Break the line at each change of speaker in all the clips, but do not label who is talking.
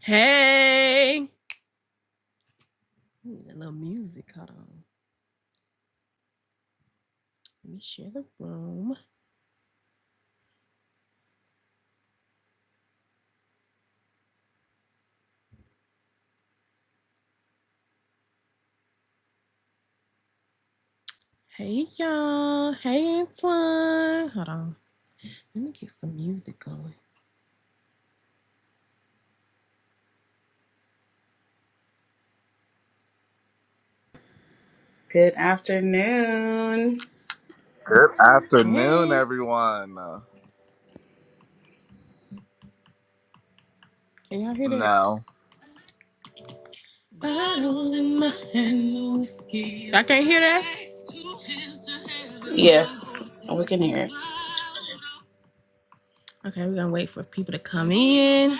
Hey, need a little music. Hold on. Let me share the room. Hey, y'all. Hey, Antoine. Hold on. Let me get some music going.
Good afternoon.
Good afternoon,
Hey,
everyone.
can y'all hear that?
No.
Bottle in my hand, no whiskey. Y'all can't hear that? Two hands to heaven, one
Yes,
voice
we
is
can
one
hear it
loud. Okay, we're gonna wait for people to come in.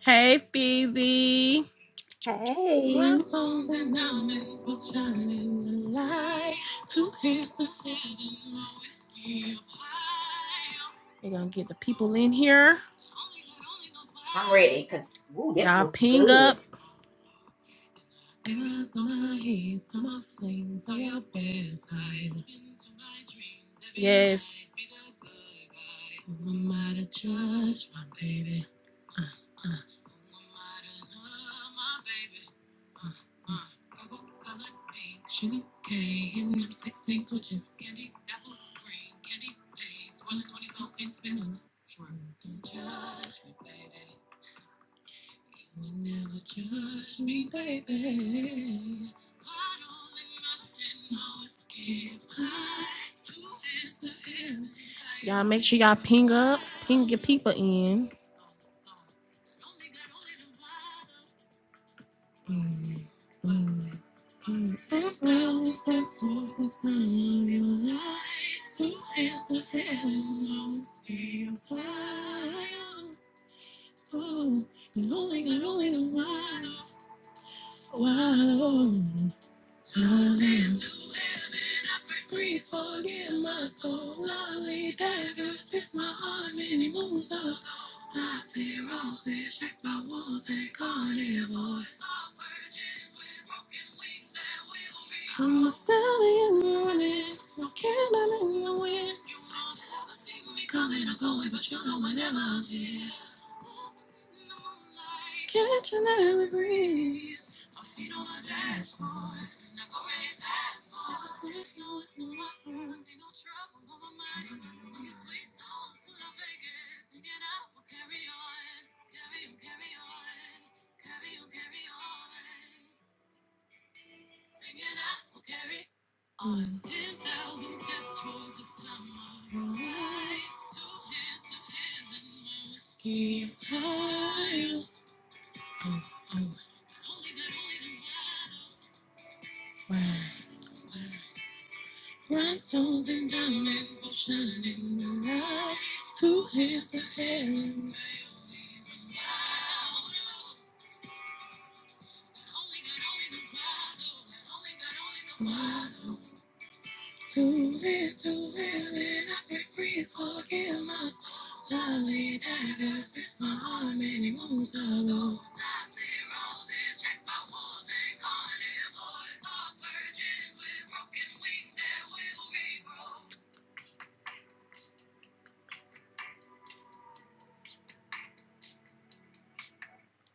Hey, Feezy.
Hey,
We're gonna get the people in here.
I'm ready because ooh, this
Y'all
was
ping up.
good.
people in.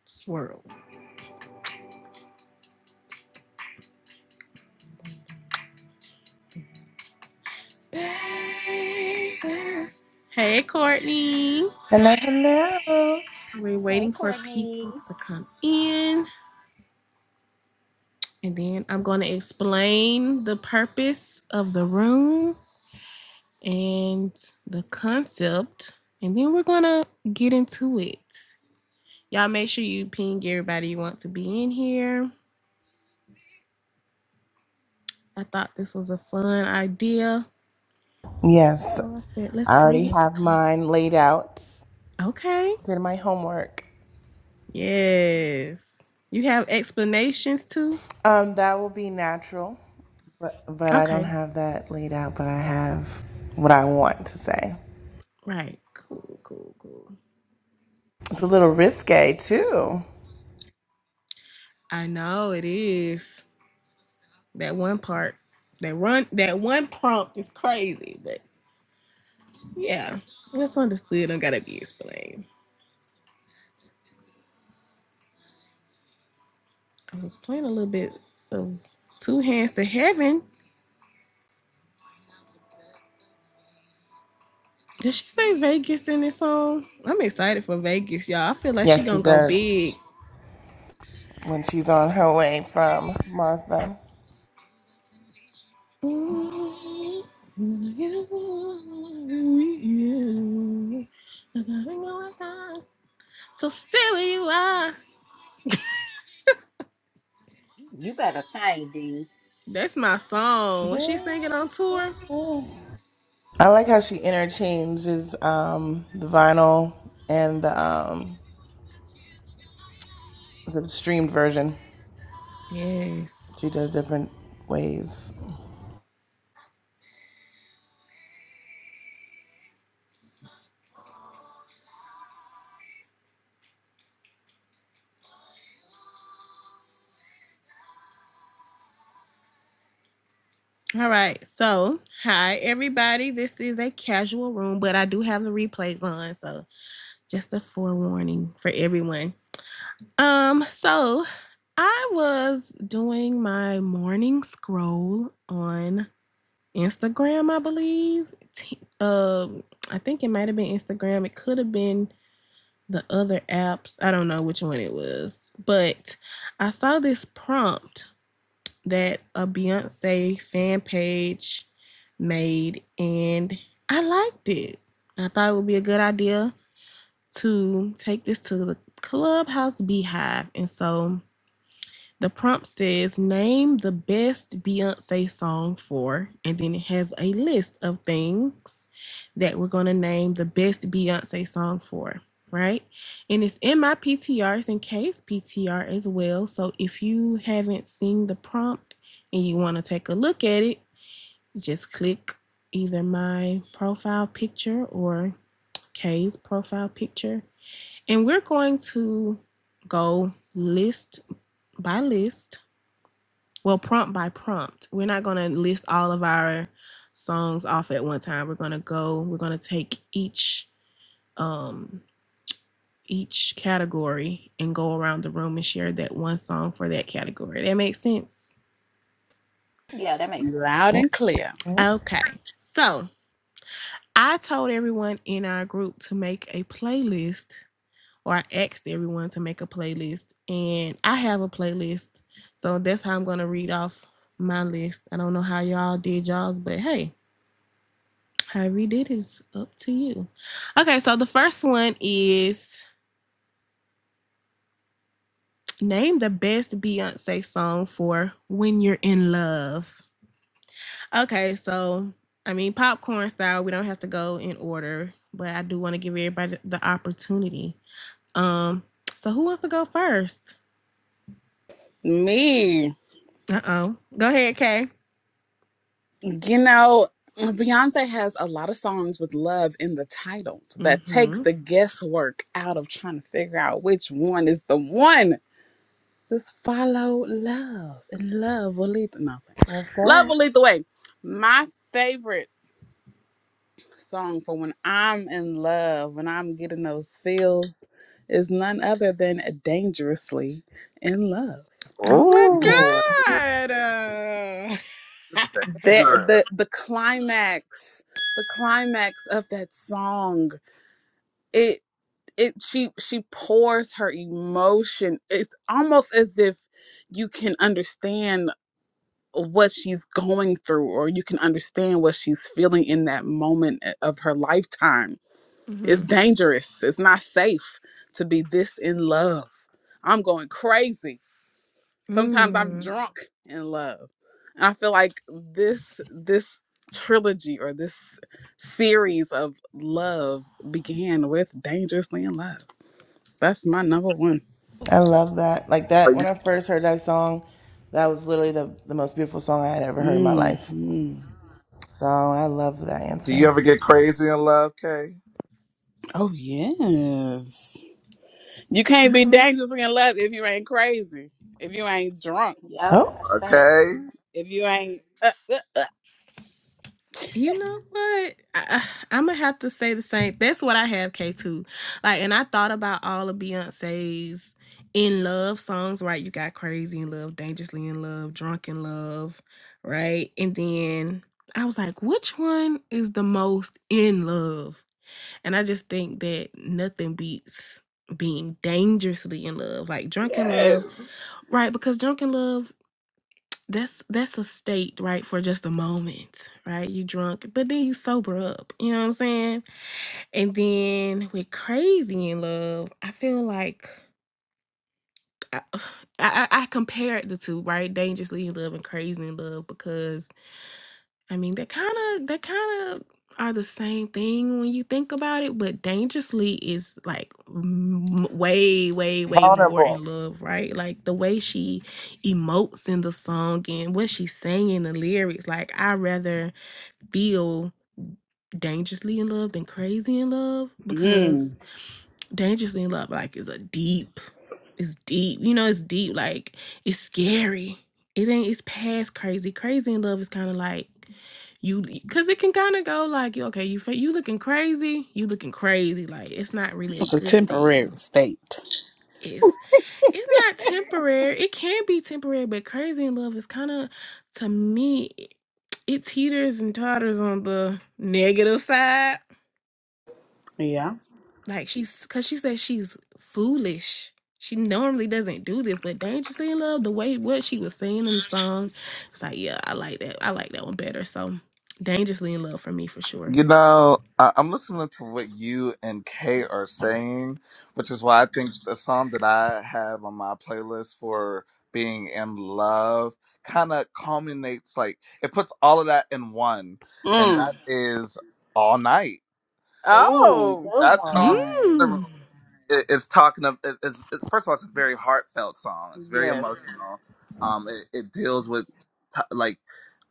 Swirl. Baby. Hey Courtney.
Hello, hello.
We're waiting
hey,
for people
Courtney.
to come in. And then I'm going to explain the purpose of the room and the concept. And then we're going to get into it. Y'all make sure you ping everybody you want to be in here. I thought this was a fun idea.
Yes,
So I said, let's
I
bring
already
it to
have
club.
mine laid out.
Okay.
Did my homework.
Yes. You have explanations too?
Um, that will be natural, but but I don't
Okay.
have that laid out. But I have what I want to say.
Right. Cool, cool, cool.
It's a little risque too.
I know it is. That one part, that run, that one prompt is crazy. But yeah, it's understood I gotta be explained. I was playing a little bit of Two Hands to Heaven. Did she say Vegas in this song? I'm excited for Vegas, y'all. I feel like she
Yes, she
gonna go
does
big.
when she's on her way from Martha.
So still you are.
You better sing, D.
That's my song. Was she
Yeah.
singing on tour?
I like how she interchanges um, the vinyl and the um, the streamed version.
Yes.
She does different ways.
All right. So, hi everybody. This is a casual room, but I do have the replays on, so just a forewarning for everyone. Um, so I was doing my morning scroll on Instagram, I believe. T- um, I think it might have been Instagram. It could have been the other apps. I don't know which one it was, but I saw this prompt that a Beyonce fan page made, and I liked it. I thought it would be a good idea to take this to the Clubhouse Beehive, and so the prompt says, Name the best Beyonce song for, and then it has a list of things that we're going to name the best Beyonce song for, right? And it's in my PTRs and K's PTR as well. So if you haven't seen the prompt and you want to take a look at it, just click either my profile picture or K's profile picture. And we're going to go list by list well prompt by prompt we're not going to list all of our songs off at one time we're going to go we're going to take each um each category and go around the room and share that one song for that category that makes sense
Yeah, that makes sense.
loud and clear.
okay so i told everyone in our group to make a playlist or i asked everyone to make a playlist and i have a playlist so that's how i'm going to read off my list i don't know how y'all did y'all's but hey However you did is up to you. Okay, so the first one is name the best Beyonce song for when you're in love. Okay, so I mean popcorn style, we don't have to go in order, but I do want to give everybody the opportunity. Um, so who wants to go first?
Me,
Uh-oh. Go ahead, Kay.
you know, Beyonce has a lot of songs with love in the title that takes
Mm-hmm.
the guesswork out of trying to figure out which one is the one. Just follow love, and love will lead the nothing.
Let's
Love
go.
will lead the way. My favorite. song for when I'm in love, when I'm getting those feels, is none other than Dangerously in Love.
Oh
Ooh,
my god. Uh...
The
dangerous.
the the climax, the climax of that song, it it she she pours her emotion. It's almost as if you can understand what she's going through or you can understand what she's feeling in that moment eh, of her lifetime It's
mm-hmm.
dangerous. It's not safe to be this in love. I'm going crazy. Sometimes I'm
Mm.
drunk in love. And I feel like this this trilogy or this series of love began with Dangerously in Love. That's my number one.
I love that. Like
Are
that, when
you-
I first heard that song, that was literally the, the most beautiful song I had ever heard in my life.
hmm
So I love that
Do you
answer.
ever get crazy in love, Kay?
Oh yes. You can't be
Uh-oh.
dangerously in love if you ain't crazy. If you ain't drunk.
Yep,
Oh,
that's that.
Okay.
If you ain't uh, uh, uh.
You know what? I, I'm gonna have to say the same. That's what I have K2. Like, and I thought about all of Beyonce's in love songs, right? You got Crazy in Love, Dangerously in Love, Drunk in Love, right? And then I was like, which one is the most in love? And I just think that nothing beats being dangerously in love. Like, drunk in
Yes.
love, right? Because drunk in love that's that's a state right for just a moment right you drunk but then you sober up you know what i'm saying and then with crazy in love i feel like i i, I I compared the two right dangerously in love and crazy in love because I mean, they kind of they kind of are the same thing when you think about it, but dangerously is like m- way way way more
vulnerable.
in love, right? Like the way she emotes in the song and what she's saying in the lyrics. Like I rather feel dangerously in love than crazy in love
Mm-hmm.
because Dangerously in Love like is a deep, it's deep. You know, it's deep. Like it's scary. It ain't. It's past crazy. Crazy in Love is kind of like you, cause it can kind of go like you. Okay, you you looking crazy. You looking crazy. Like it's not really a
It's a
good
temporary
thing.
state.
It's it's not temporary. It can be temporary, but crazy in love is kind of to me. it teeters and totters on the negative side
Yeah.
Like she's cause she said she's foolish. She normally doesn't do this, but Dangerously in Love, the way what she was singing in the song, it's like, yeah, I like that. I like that one better. So Dangerously in Love for me for sure.
You know, I- I'm listening to what you and Kay are saying, which is why I think the song that I have on my playlist for being in love kind of culminates, like, it puts all of that in one, and
Mm.
that is All Night.
Ooh,
Oh,
good
that song in
one.
general
Mm.
i- is talking of it- it's, it's first of all it's a very heartfelt song it's very
yes.
emotional um it, it deals with t- like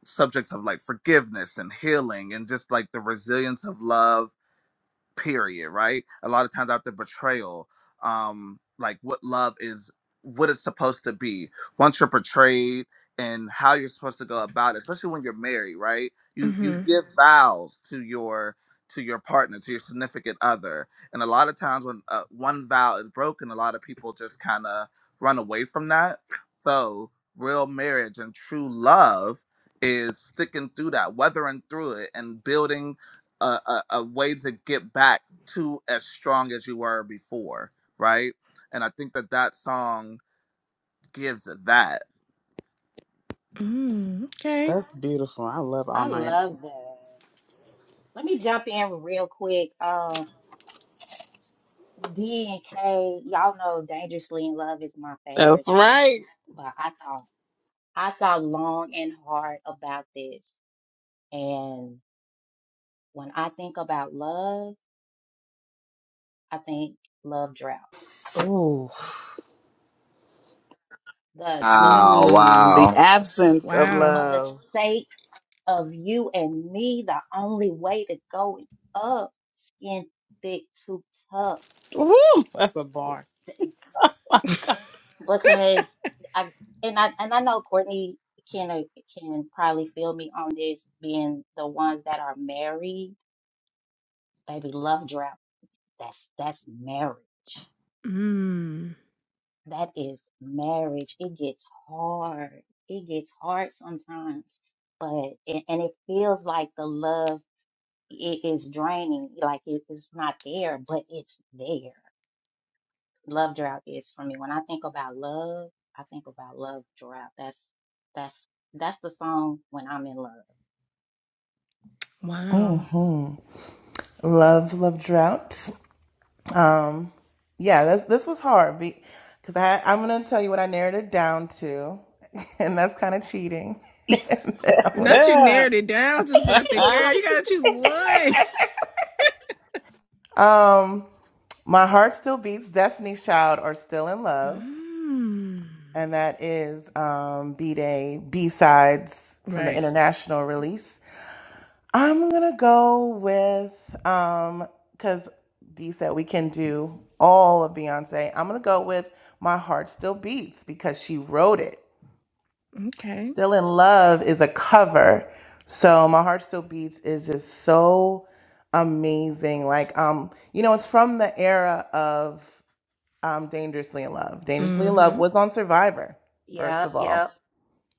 subjects of like forgiveness and healing and just like the resilience of love period right a lot of times after betrayal um like what love is what it's supposed to be once you're betrayed and how you're supposed to go about it especially when you're married right you you
Mm-hmm.
give Mhm. vows to your to your partner to your significant other and a lot of times when uh, one vow is broken a lot of people just kind of run away from that so real marriage and true love is sticking through that weathering through it and building a, a, a way to get back to as strong as you were before, right? And I think that that song gives it that.
Mm. Okay.
That's beautiful. I love all
I
night.
love that. Let me jump in real quick. Um, D and K, y'all know "Dangerously in Love" is my favorite
That's
song,
right.
but I thought I thought long and hard about this, and when I think about love, I think Love Drought.
Ooh.
The the
Oh
the
Mm, the
wow.
absence of
Wow.
for the
love.
sake of you and me, the only way to go is up, skin thick, too tough.
Ooh, that's a bar.
Because I and I and I know Courtney can uh, can probably feel me on this, being the ones that are married. Baby, love drought. That's that's marriage.
Mm.
That is marriage. It gets hard. It gets hard sometimes, but and and it feels like the love it is draining. Like it's not there, but it's there. Love drought is for me. When I think about love, I think about love drought. That's that's that's the song when I'm in love.
Wow.
hmm Love, love drought. Um, yeah, this this was hard because I I'm gonna tell you what I narrowed it down to, and that's kind of cheating. and then I'm gonna
Not you
Yeah.
narrowed it down to something, girl. You gotta choose one.
um, my heart still beats. Destiny's Child are still in love.
Mm.
and that is um, B Day B sides from the
Right.
international release. I'm gonna go with because um, Dee said we can do all of Beyonce. I'm gonna go with My Heart Still Beats because she wrote it.
Okay.
Still in Love is a cover, so My Heart Still Beats is just so amazing. Like um, you know, it's from the era of um, Dangerously in Love. Dangerously in Love
Mm-hmm.
was on Survivor, first
Yep,
of all
yep.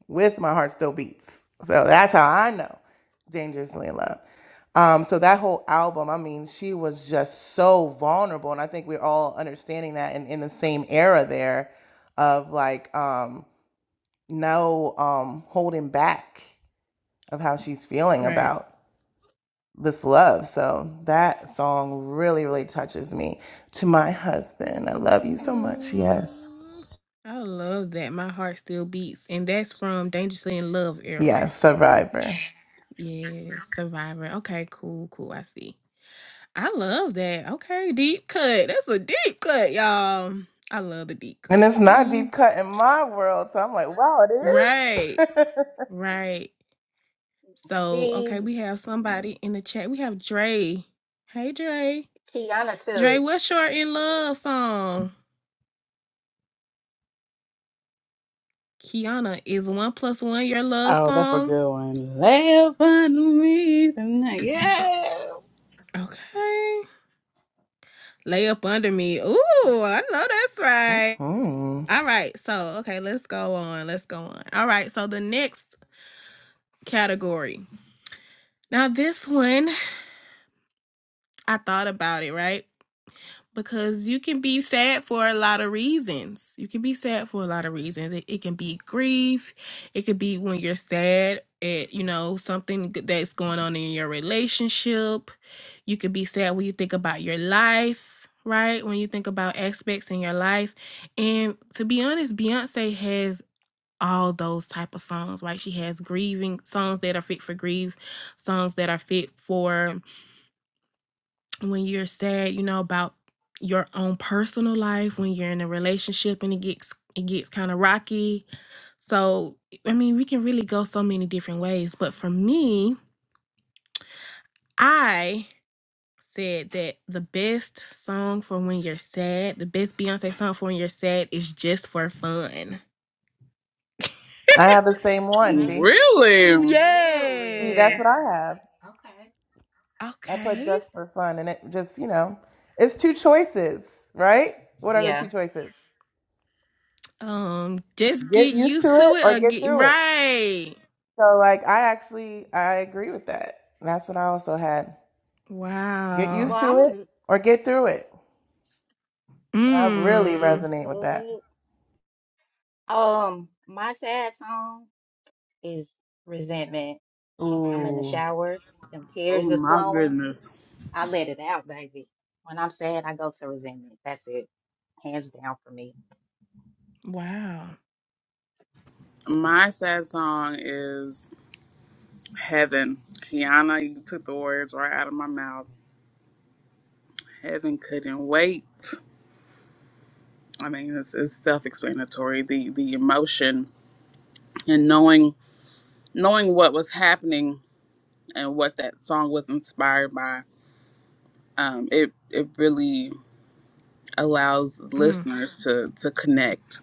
with my heart still beats. So that's how I know Dangerously in Love. Um, so that whole album, I mean, she was just so vulnerable, and I think we're all understanding that in, in the same era there of like um, no um, holding back of how she's feeling
Right.
about this love. So that song really, really touches me. To my husband, I love you so much. Yes,
Mm, I love that. My heart still beats. And that's from Dangerously in Love era.
yes, Survivor.
Yeah, Survivor. Okay, cool, cool. I see. I love that. Okay, deep cut. That's a deep cut, y'all. I love the deep
And
cut.
it's not
See?
deep cut in my world, so I'm like, wow,
Right,
it is.
right. So,
D
okay, we have somebody in the chat. We have Dre. Hey, Dre.
Kiana
Dre,
too.
what's your in love song? Kiana, is one plus one your love
oh, that's a
song?
good one. Lay on me tonight. Yeah.
Okay. Lay up under me. Ooh, I know that's right.
hmm
All right. So, okay, let's go on. Let's go on. All right. So, the next category. Now, this one, I thought about it, right? because you can be sad for a lot of reasons. You can be sad for a lot of reasons. It, it can be grief. It could be when you're sad at you know something g- that's going on in your relationship. You could be sad when you think about your life, right? When you think about aspects in your life. And to be honest, Beyonce has all those type of songs, right? She has grieving songs that are fit for grief, songs that are fit for when you're sad, you know, about your own personal life, when you're in a relationship and it gets it gets kind of rocky. So, I mean, we can really go so many different ways, but for me, I said that the best song for when you're sad, the best Beyonce song for when you're sad is just for fun.
I have the same one, D.
Really?
D,
Really?
that's what
Yes.
I have.
Okay.
I put
Okay.
just for fun, and it just, you know, it's two choices, right? What are the
Yeah.
two choices?
Um, just
Get
get
used to
used to
it
it
or
or
get
get
through it.
right.
So, like, I actually I agree with that. That's what I also had. Get
Wow.
used
Well,
to
I'm gonna
it
do-
or get through it. And I
get
really
Hmm.
used
resonate with that.
to it. Um, my sad song is resentment. I'm in the
Ooh,
shower. Them tears
Oh
are
my
flowing.
goodness.
I let it out, baby. When I'm sad, I go to resentment. That's it. Hands down for me.
Wow.
My sad song is Heaven. Kiana, you took the words right out of my mouth. Heaven couldn't wait. I mean, it's, it's self-explanatory. The the emotion and knowing knowing what was happening and what that song was inspired by, um, it it really allows
Mm,
listeners to to connect.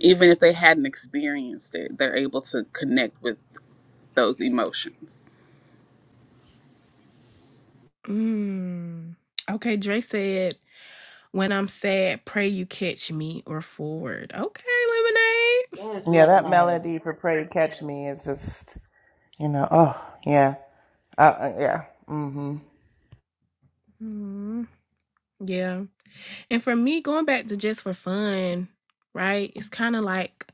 Even if they hadn't experienced it, they're able to connect with those emotions.
mm. Okay, Dre said, when I'm sad, pray you catch me or forward. Okay, Lemonade.
Yes,
yeah, that
lemonade.
melody for "Pray Catch Me" is just, you know, oh yeah. Uh, uh, yeah. hmm
Mm, yeah. And for me, going back to just for fun, right? It's kind of like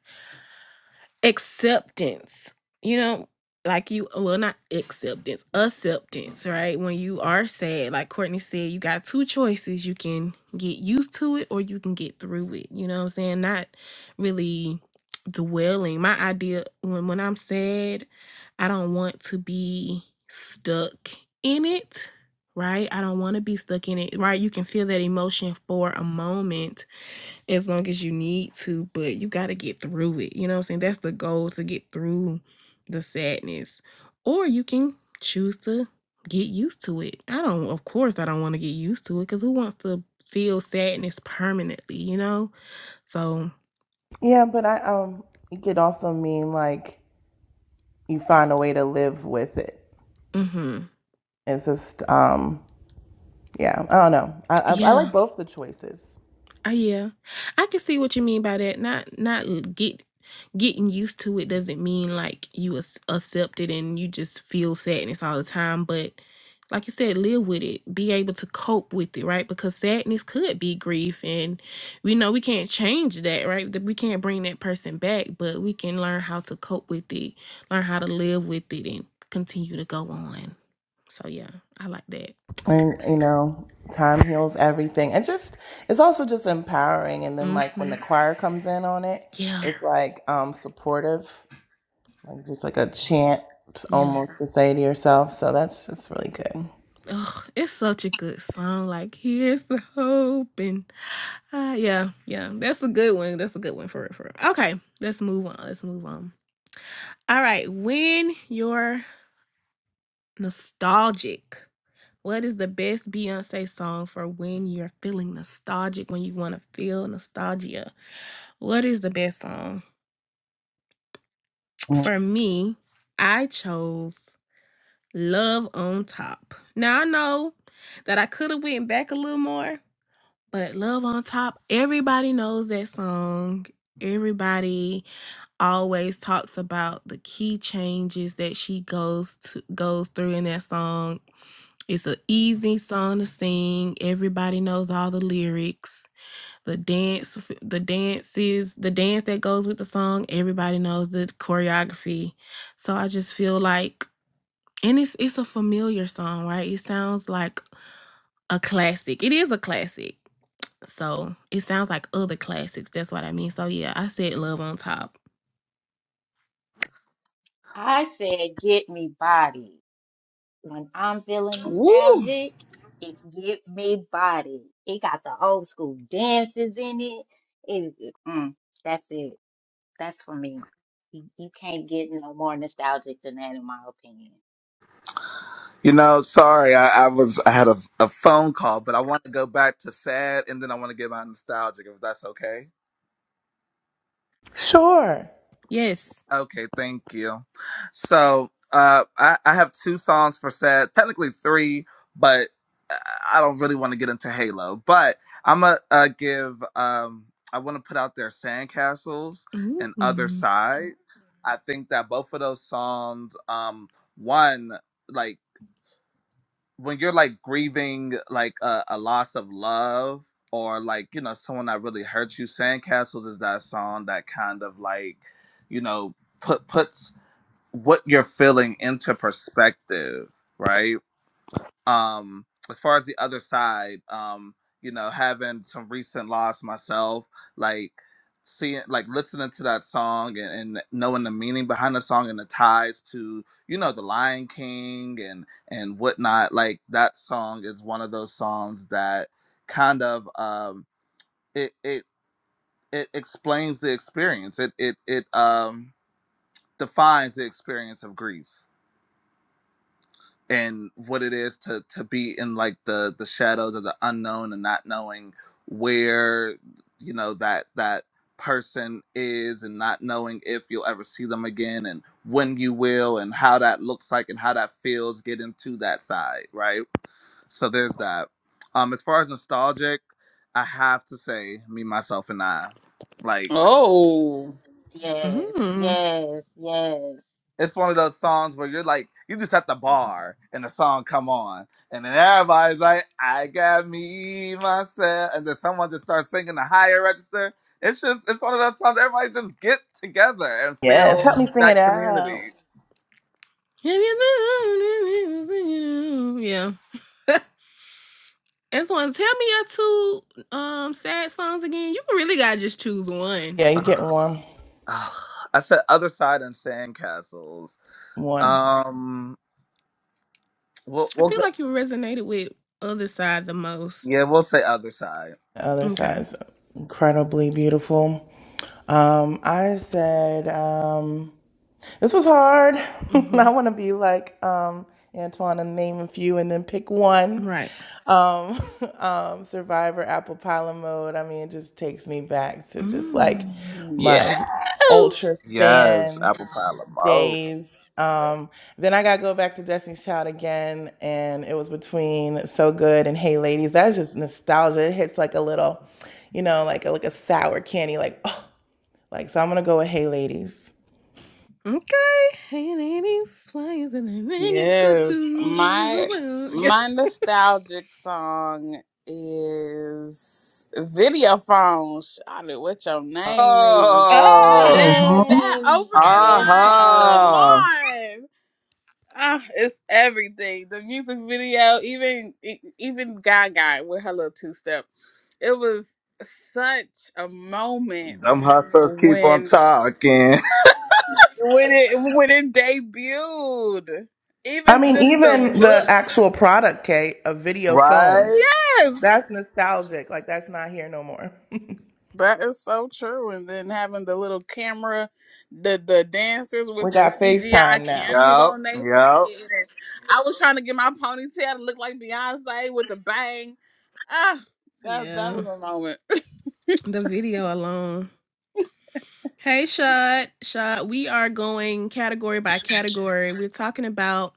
acceptance you know like you well not acceptance acceptance right when you are sad like courtney said you got two choices you can get used to it or you can get through it you know what i'm saying not really dwelling my idea when when i'm sad i don't want to be stuck in it right i don't want to be stuck in it right you can feel that emotion for a moment as long as you need to, but you got to get through it. You know what I'm saying? That's the goal to get through the sadness. Or you can choose to get used to it. I don't, of course, I don't want to get used to it because who wants to feel sadness permanently, you know? So,
Yeah, but I um, it could also mean like you find a way to live with it.
mm hmm.
It's just um, yeah. I don't know. I I, I
Yeah.
like both the choices,
Oh yeah, I can see what you mean by that. Not not l- get getting used to it doesn't mean like you ac- accept it and you just feel sadness all the time. But like you said, live with it. Be able to cope with it, right? Because sadness could be grief, and we know we can't change that, right? That We can't bring that person back, but we can learn how to cope with it, learn how to live with it, and continue to go on. So yeah, I like that. That's,
and you know, time heals everything. And just it's also just empowering. And then like when
mm-hmm.
the choir comes in on it,
Yeah.
it's like um supportive, like just like a chant
Yeah.
almost to say to yourself. So that's just really good.
Ugh, it's such a good song. Like, here's the hope, and uh, yeah, yeah, that's a good one. That's a good one for it. For real. okay, let's move on. Let's move on. All right, when you're nostalgic, what is the best Beyonce song for when you're feeling nostalgic? When you want to feel nostalgia, what is the best song for me? I chose "Love on Top." Now I know that I could have went back a little more, But Love on Top, everybody knows that song. Everybody always talks about the key changes that she goes to goes through in that song. It's an easy song to sing. Everybody knows all the lyrics. The dance f- the dances, the dance that goes with the song, everybody knows the choreography. So I just feel like and it's it's a familiar song, right? It sounds like a classic. It is a classic so it sounds like other classics. That's what I mean. So yeah, I said Love on Top.
I said, get me body. When I'm feeling
Woo!
nostalgic, it's get me body. It got the old school dances in it. It, it- mm, that's it. That's for me. You, you can't get no more nostalgic than that, in my opinion.
You know, sorry, I, I was I had a, a phone call, but I want to go back to sad, and then I want to get my nostalgic, if that's okay.
Sure.
Yes.
Okay, thank you. So uh, I, I have two songs for sad, technically three, but I I don't really want to get into Halo. But I'm gonna uh, give. Um, I want to put out there Sandcastles
Ooh.
and Other Side. I think that both of those songs, um, one like when you're like grieving like a, a loss of love or like you know someone that really hurt you. Sandcastles is that song that kind of like you know put puts what you're feeling into perspective, right? Um, as far as the other side, um, you know, having some recent loss myself, like seeing like listening to that song and, and knowing the meaning behind the song and the ties to, you know, the Lion King and and whatnot, like that song is one of those songs that kind of um it it it explains the experience. It it it um defines the experience of grief and what it is to to be in like the the shadows of the unknown and not knowing where you know that that person is and not knowing if you'll ever see them again and when you will and how that looks like and how that feels getting to that side right so there's that um as far as nostalgic i have to say me myself and i like.
Oh,
Yes,
Mm.
yes, yes.
It's one of those songs where you're like, you just at the bar and the song come on, and then everybody's like, "I got me myself," and then someone just starts singing the higher register. It's just, it's one of those songs. Everybody just get together and
Yes.
feel
Help me sing it
that
out.
community.
Have you known Yeah. That's one. Tell me your two um sad songs again. You really gotta just choose one.
Yeah, you get warm.
Ugh, I said other side and sandcastles.
one.
Um, we'll,
I
we'll
feel
go,
like you resonated with other side the most.
yeah, we'll say other side.
The other
Okay.
side is incredibly beautiful. Um, I said, um, this was hard.
Mm-hmm.
I want to be like um, Antoine and name a few and then pick one.
Right.
Um, um, Survivor, Apple Pilot Mode. I mean, it just takes me back to just like
Mm.
yes!
my ultra
Yes,
fan.
apple pie limo.
days. Um, then I got to go back to Destiny's Child again, and it was between So Good and Hey Ladies. That's just nostalgia. It hits like a little, you know, like a, like a sour candy, like oh, like so. I'm gonna go with Hey Ladies.
Okay. Hey, ladies, why is it that nigga go
Yes, my
do?
my nostalgic song is "Video Phone." Shout it, what your name is?
Oh,
That
Mm-hmm.
that
Yes,
opening
yes,
line, come
Tay.
aha!
on! Ah, it's everything. The music video, even e- even Gaga with her little two step. It was such a
Them
moment
hustlers keep on
when
talking.
when it when it debuted.
I
Even
mean,
just the
even the
look.
actual product, Kate, a video phone.
Right?
Yes,
That's nostalgic. Like that's not here no more.
that is so true. And then having the little camera, the the dancers
we
with the
got
CGI
FaceTime now.
cameras
Yep.
on their head.
Yep.
And I was trying to get my ponytail to look like Beyonce with the bang. Ah, that that
Yeah.
was a moment.
The video alone. Hey, Shot. Shot, we are going category by category. We're talking about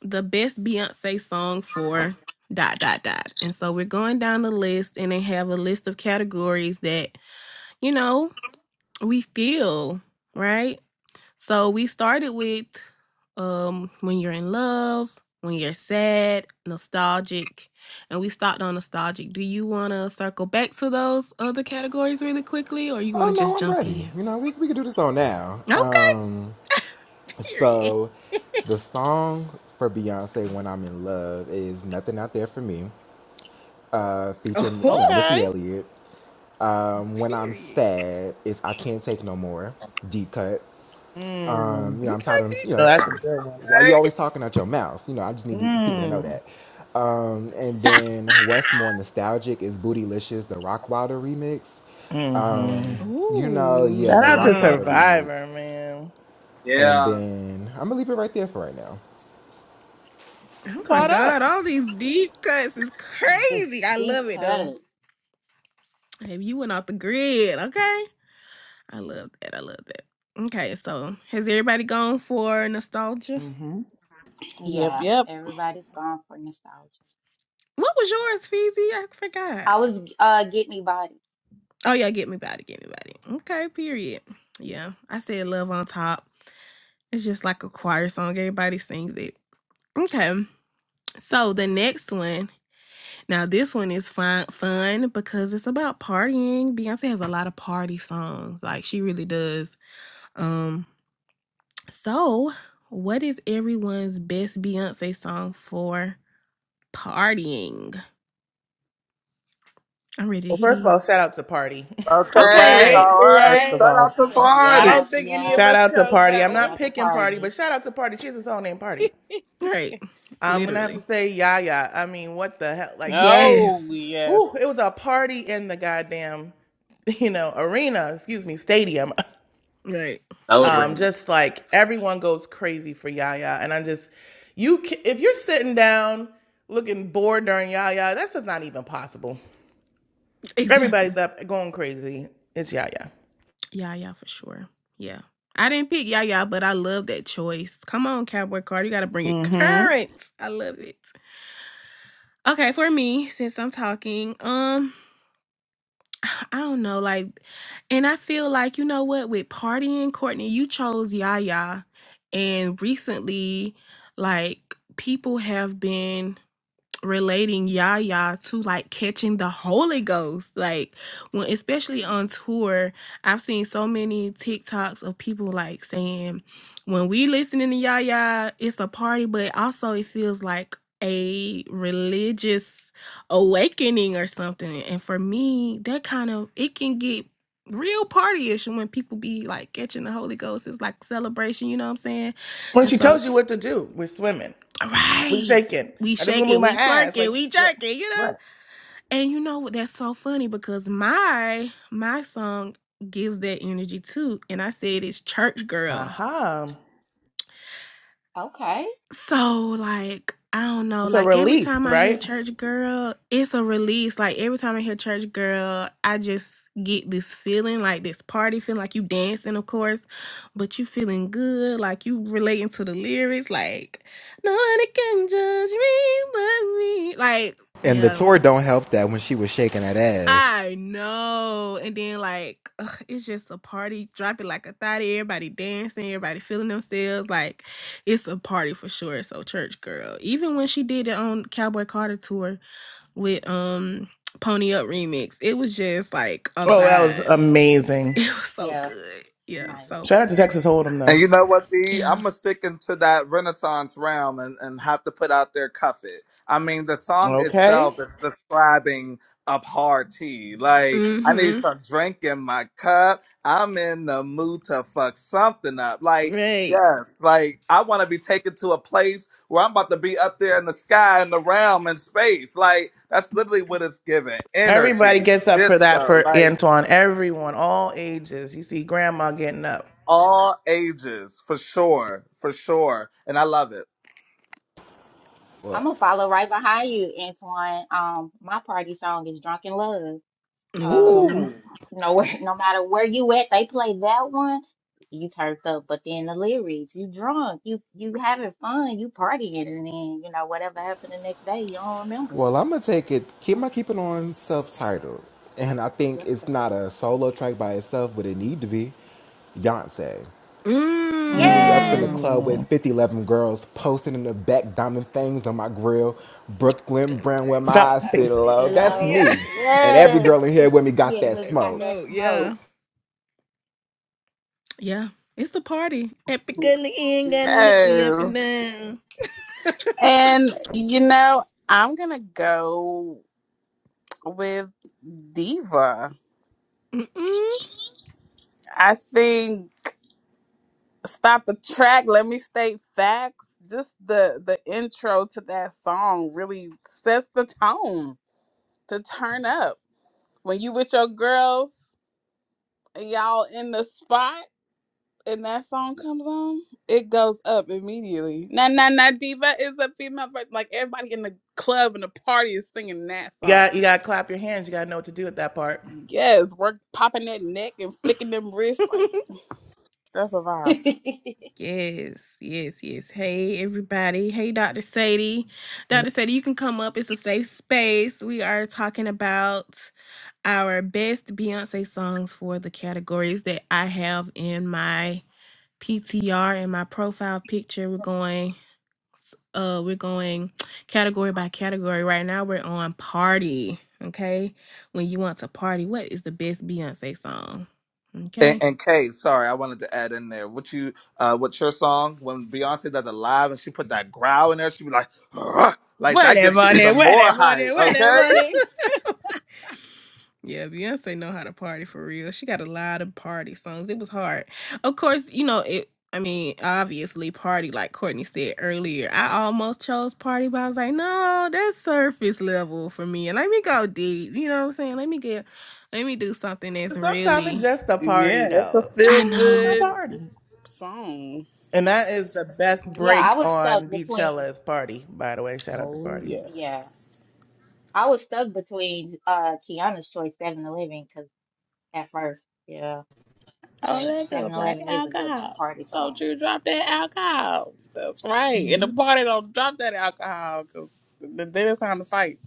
the best Beyonce song for dot, dot, dot. And so we're going down the list and they have a list of categories that, you know, we feel, right? So we started with um when you're in love, when you're sad, nostalgic, and we stopped on nostalgic. Do you want to circle back to those other categories really quickly or you want
Oh
to just
no, I'm
jump
ready.
in?
You know, we we can do this on now.
Okay,
Um,
period.
so the song for Beyonce "When I'm in Love" is "Nothing Out There for Me," uh, featuring
Oh,
you know Missy
Okay.
Elliott. Um, when I'm
period.
sad is "I Can't Take No More," deep cut.
Mm.
Um, you know, I'm
Okay,
tired of
deep
you
So
know,
that's
cut.
a good one.
why are you
Right?
always talking out your mouth? You know, I just need people to know
Mm.
that. Um, and then what's more nostalgic is Bootylicious, the Rock Wilder remix.
Mm-hmm.
Um, you know,
Ooh.
yeah,
Shout
the
out to
Rock Wilder
Mm,
remix.
Survivor, man.
And
yeah.
then I'm gonna leave it right there for right now.
You
Oh my
caught
god,
up.
all these deep cuts is
The
crazy. I
deep
love it though.
cut.
Have you went off the grid, okay? I love that. I love that. Okay, so has everybody gone for nostalgia?
hmm
Yep,
Yeah,
yep.
everybody's gone for nostalgia.
What was yours, Feezy? I forgot.
I was uh get me body.
Oh yeah, get me body, get me body. Okay, period. Yeah, I said love on top. It's just like a choir song. Everybody sings it. Okay, so the next one. Now this one is fun, fun because it's about partying. Beyonce has a lot of party songs. Like she really does. Um, so what is everyone's best Beyonce song for Partying. I'm ready to
Well,
hear
first of all,
these.
shout out to Party.
You're
Okay,
Okay.
right.
right,
All
you're
right.
First
right.
of
Shut
all,
up the
I
party.
don't
Yep,
think any
yep.
of
shout
us
out to
chose
Party.
that
I'm
Shout
not
one.
out to
picking Party, but
party.
shout out to Party. She has a song named Party.
Right.
I'm gonna have
Literally.
to say Yaya. I mean, what the hell? Like that?
Oh
Yes.
Whew, it was
yes,
a party in the goddamn, you know, arena. Excuse me, stadium.
Right.
Um,
Celebrate.
just like everyone goes crazy for Yaya, and I am just, you, if you're sitting down looking bored during Yaya, that's just not even possible. Everybody's
Exactly.
up, going crazy. It's Yaya.
Yeah, yeah, for sure. Yeah. I didn't pick yeah, yeah, but I love that choice. Come on, Cowboy Card. You gotta bring it
hmm
current. I love it. Okay, for me, since I'm talking, um, I don't know, like, and I feel like, you know what, with partying, Courtney, you chose Yaya. And recently, like, people have been relating Yaya to like catching the Holy Ghost. Like when especially on tour, I've seen so many TikToks of people like saying, when we listening to Yaya, it's a party, but also it feels like a religious awakening or something. And for me, that kind of it can get real partyish when people be like catching the Holy Ghost. It's like celebration, you know what I'm saying?
When
And
she
so
tells you what to do, we're swimming, we're
Right.
shaking.
We
I just
shake
want to
it,
move my
we twerk
ass.
it,
Like,
we
yeah,
jerk it, you know?
right.
And you know what? That's so funny because my my song gives that energy too. And I said it's church girl.
Aha. Uh-huh.
Okay.
So, like, I don't know.
It's a
Like, every
release,
time I hear
right?
church girl, it's a release. Like, every time I hear church girl, I just get this feeling like this party feeling like you dancing, of course, but you feeling good. Like, you relating to the lyrics. Like, nobody can judge me but me. Like,
And the
yeah.
tour don't help that when she was shaking that ass.
I know. And then like ugh, it's just a party, drop it like a thotty, everybody dancing, everybody feeling themselves. Like it's a party for sure. So church girl. Even when she did it on Cowboy Carter tour with um Pony Up remix, it was just like a
Oh, that was
vibe.
amazing.
It was so
Yeah,
good. Yeah.
nice.
So
Shout out to Texas Hold'em, though.
And you know what, D?
yeah.
I'm gonna stick into that Renaissance realm and, and have to put out there "Cuff It." I mean, the song
Okay.
itself is describing a party. Like, I need
Mm-hmm.
some drink in my cup. I'm in the mood to fuck something up. Like,
Right.
yes, like I want to be taken to a place where I'm about to be up there in the sky, in the realm, in space. Like, that's literally what it's giving.
Everybody
Energy,
gets up for that
disco,
for
like
Antoine. Everyone, all ages. You see grandma getting up.
all ages, for sure, for sure. And I love it.
I'm
Well,
gonna follow right behind you, Antoine. Um, my party song is "Drunk in Love." Um,
Ooh.
Ooh.
Nowhere, no matter where you at, they play that one. You turned up, but then the lyrics, you drunk, you you having fun, you partying, and then you know whatever happened the next day, you don't remember.
well, I'm gonna take it.
So
Keep my keep it on self-titled, and I think
let's
it's
go.
not a solo track by itself, but it need to be. Beyonce. See me up in the
Yes,
Mmm.
club with
Mm.
50, 11 girls posting in the back, diamond things on my grill. Brooklyn
Don't
brown where my
bring my
Drop the
eyes sit
house
face.
in
low.
love.
That's
Yeah.
low.
me. And every
Yes,
girl in here with me got
yeah.
Got
that
When we
that
got
smoke.
that
smoke, yeah.
smoke.
Yeah, it's the party. Happy ain't gotta look me up and
yes.
down.
And you know, I'm gonna go with Diva.
Mm-mm.
I think stop the track. Let me state facts. Just the the intro to that song really sets the tone to turn up. When you with your girls, and y'all in the spot, and that song comes on, it goes up immediately. Na na na diva is a female version. Like everybody in the club and the party is singing that
You
song.
got you gotta clap your hands. You gotta know what to do at that part.
Yes, we're popping that neck and flicking them wrists. Like that's a vibe.
yes, yes, yes. Hey, everybody. Hey, Dr. Sadie. Dr. Sadie, you can come up. It's a safe space. We are talking about our best Beyonce songs for the categories that I have in my PTR and my profile picture. We're going. uh we're going category by category right now we're on party okay when you want to party what is the best beyonce song
And,
okay
and Kay, sorry, I wanted to add in there. What you, uh, what your song when Beyonce does a live and she put that growl in there, she be like, "Ugh," like that
Whatever,
gets you
money,
even more
whatever, money,
hype.
whatever, money.
Okay,
yeah beyonce know how to party for real she got a lot of party songs it was hard of course you know it i mean obviously party like courtney said earlier i almost chose party but i was like no that's surface level for me and let me go deep you know what i'm saying let me get let me do something that's
Sometimes it's
really
just a party,
Yeah, it's a
though.
i
feel
Sometimes it's just a
know
good
party.
song.
And that is the best
Yeah,
right
I
break
was stuck
on
between.
Beachella's party, by the way. Shout out to
Oh
party.
Yeah,
yes.
I was stuck between uh Kiana's choice, Seven Eleven, because at first, yeah,
Oh,
but
that
Seven
good black
Eleven is a good
alcohol.
party
Don't
song.
you drop that alcohol? That's right.
Yeah,
And the
you.
party don't drop that alcohol because then it's time to fight.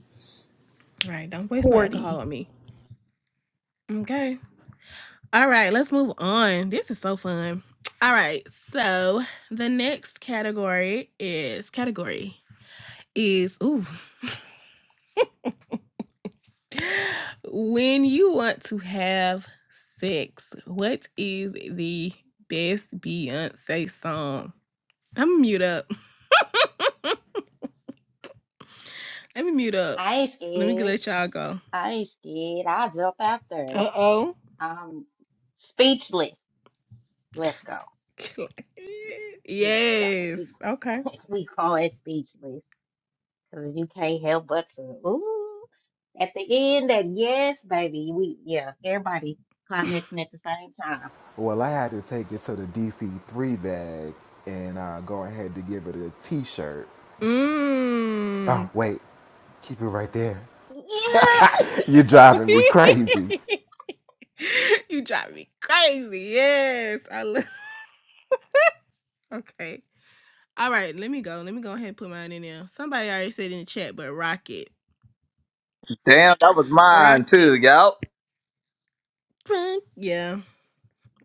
Right. Don't waste no alcohol
Party.
on me. Okay. All right. Let's move on. This is so fun. All right. So the next category is category is ooh when you want to have sex. What is the best Beyonce song? I'm gonna mute up. Let me mute up.
I ain't
Let me g-
scared.
let y'all go.
I ain't scared. I'll jump out there.
Uh oh.
I'm speechless. Let's go. Let's go.
yes. Okay.
We call it speechless because you can't help but to. Ooh. At the end, that yes, baby. We yeah. Everybody commenting at the same time.
Well, I had to take it to the DC3 bag and uh, go ahead to give it a t shirt. Oh,
Mmm.
wait, keep it right there.
Yeah.
You're driving me crazy.
you drive me crazy. Yes. I love okay. All right, let me go. Let me go ahead and put mine in there. Somebody already said in the chat, but rocket.
damn, that was mine too,
Rocket.
y'all.
Yeah,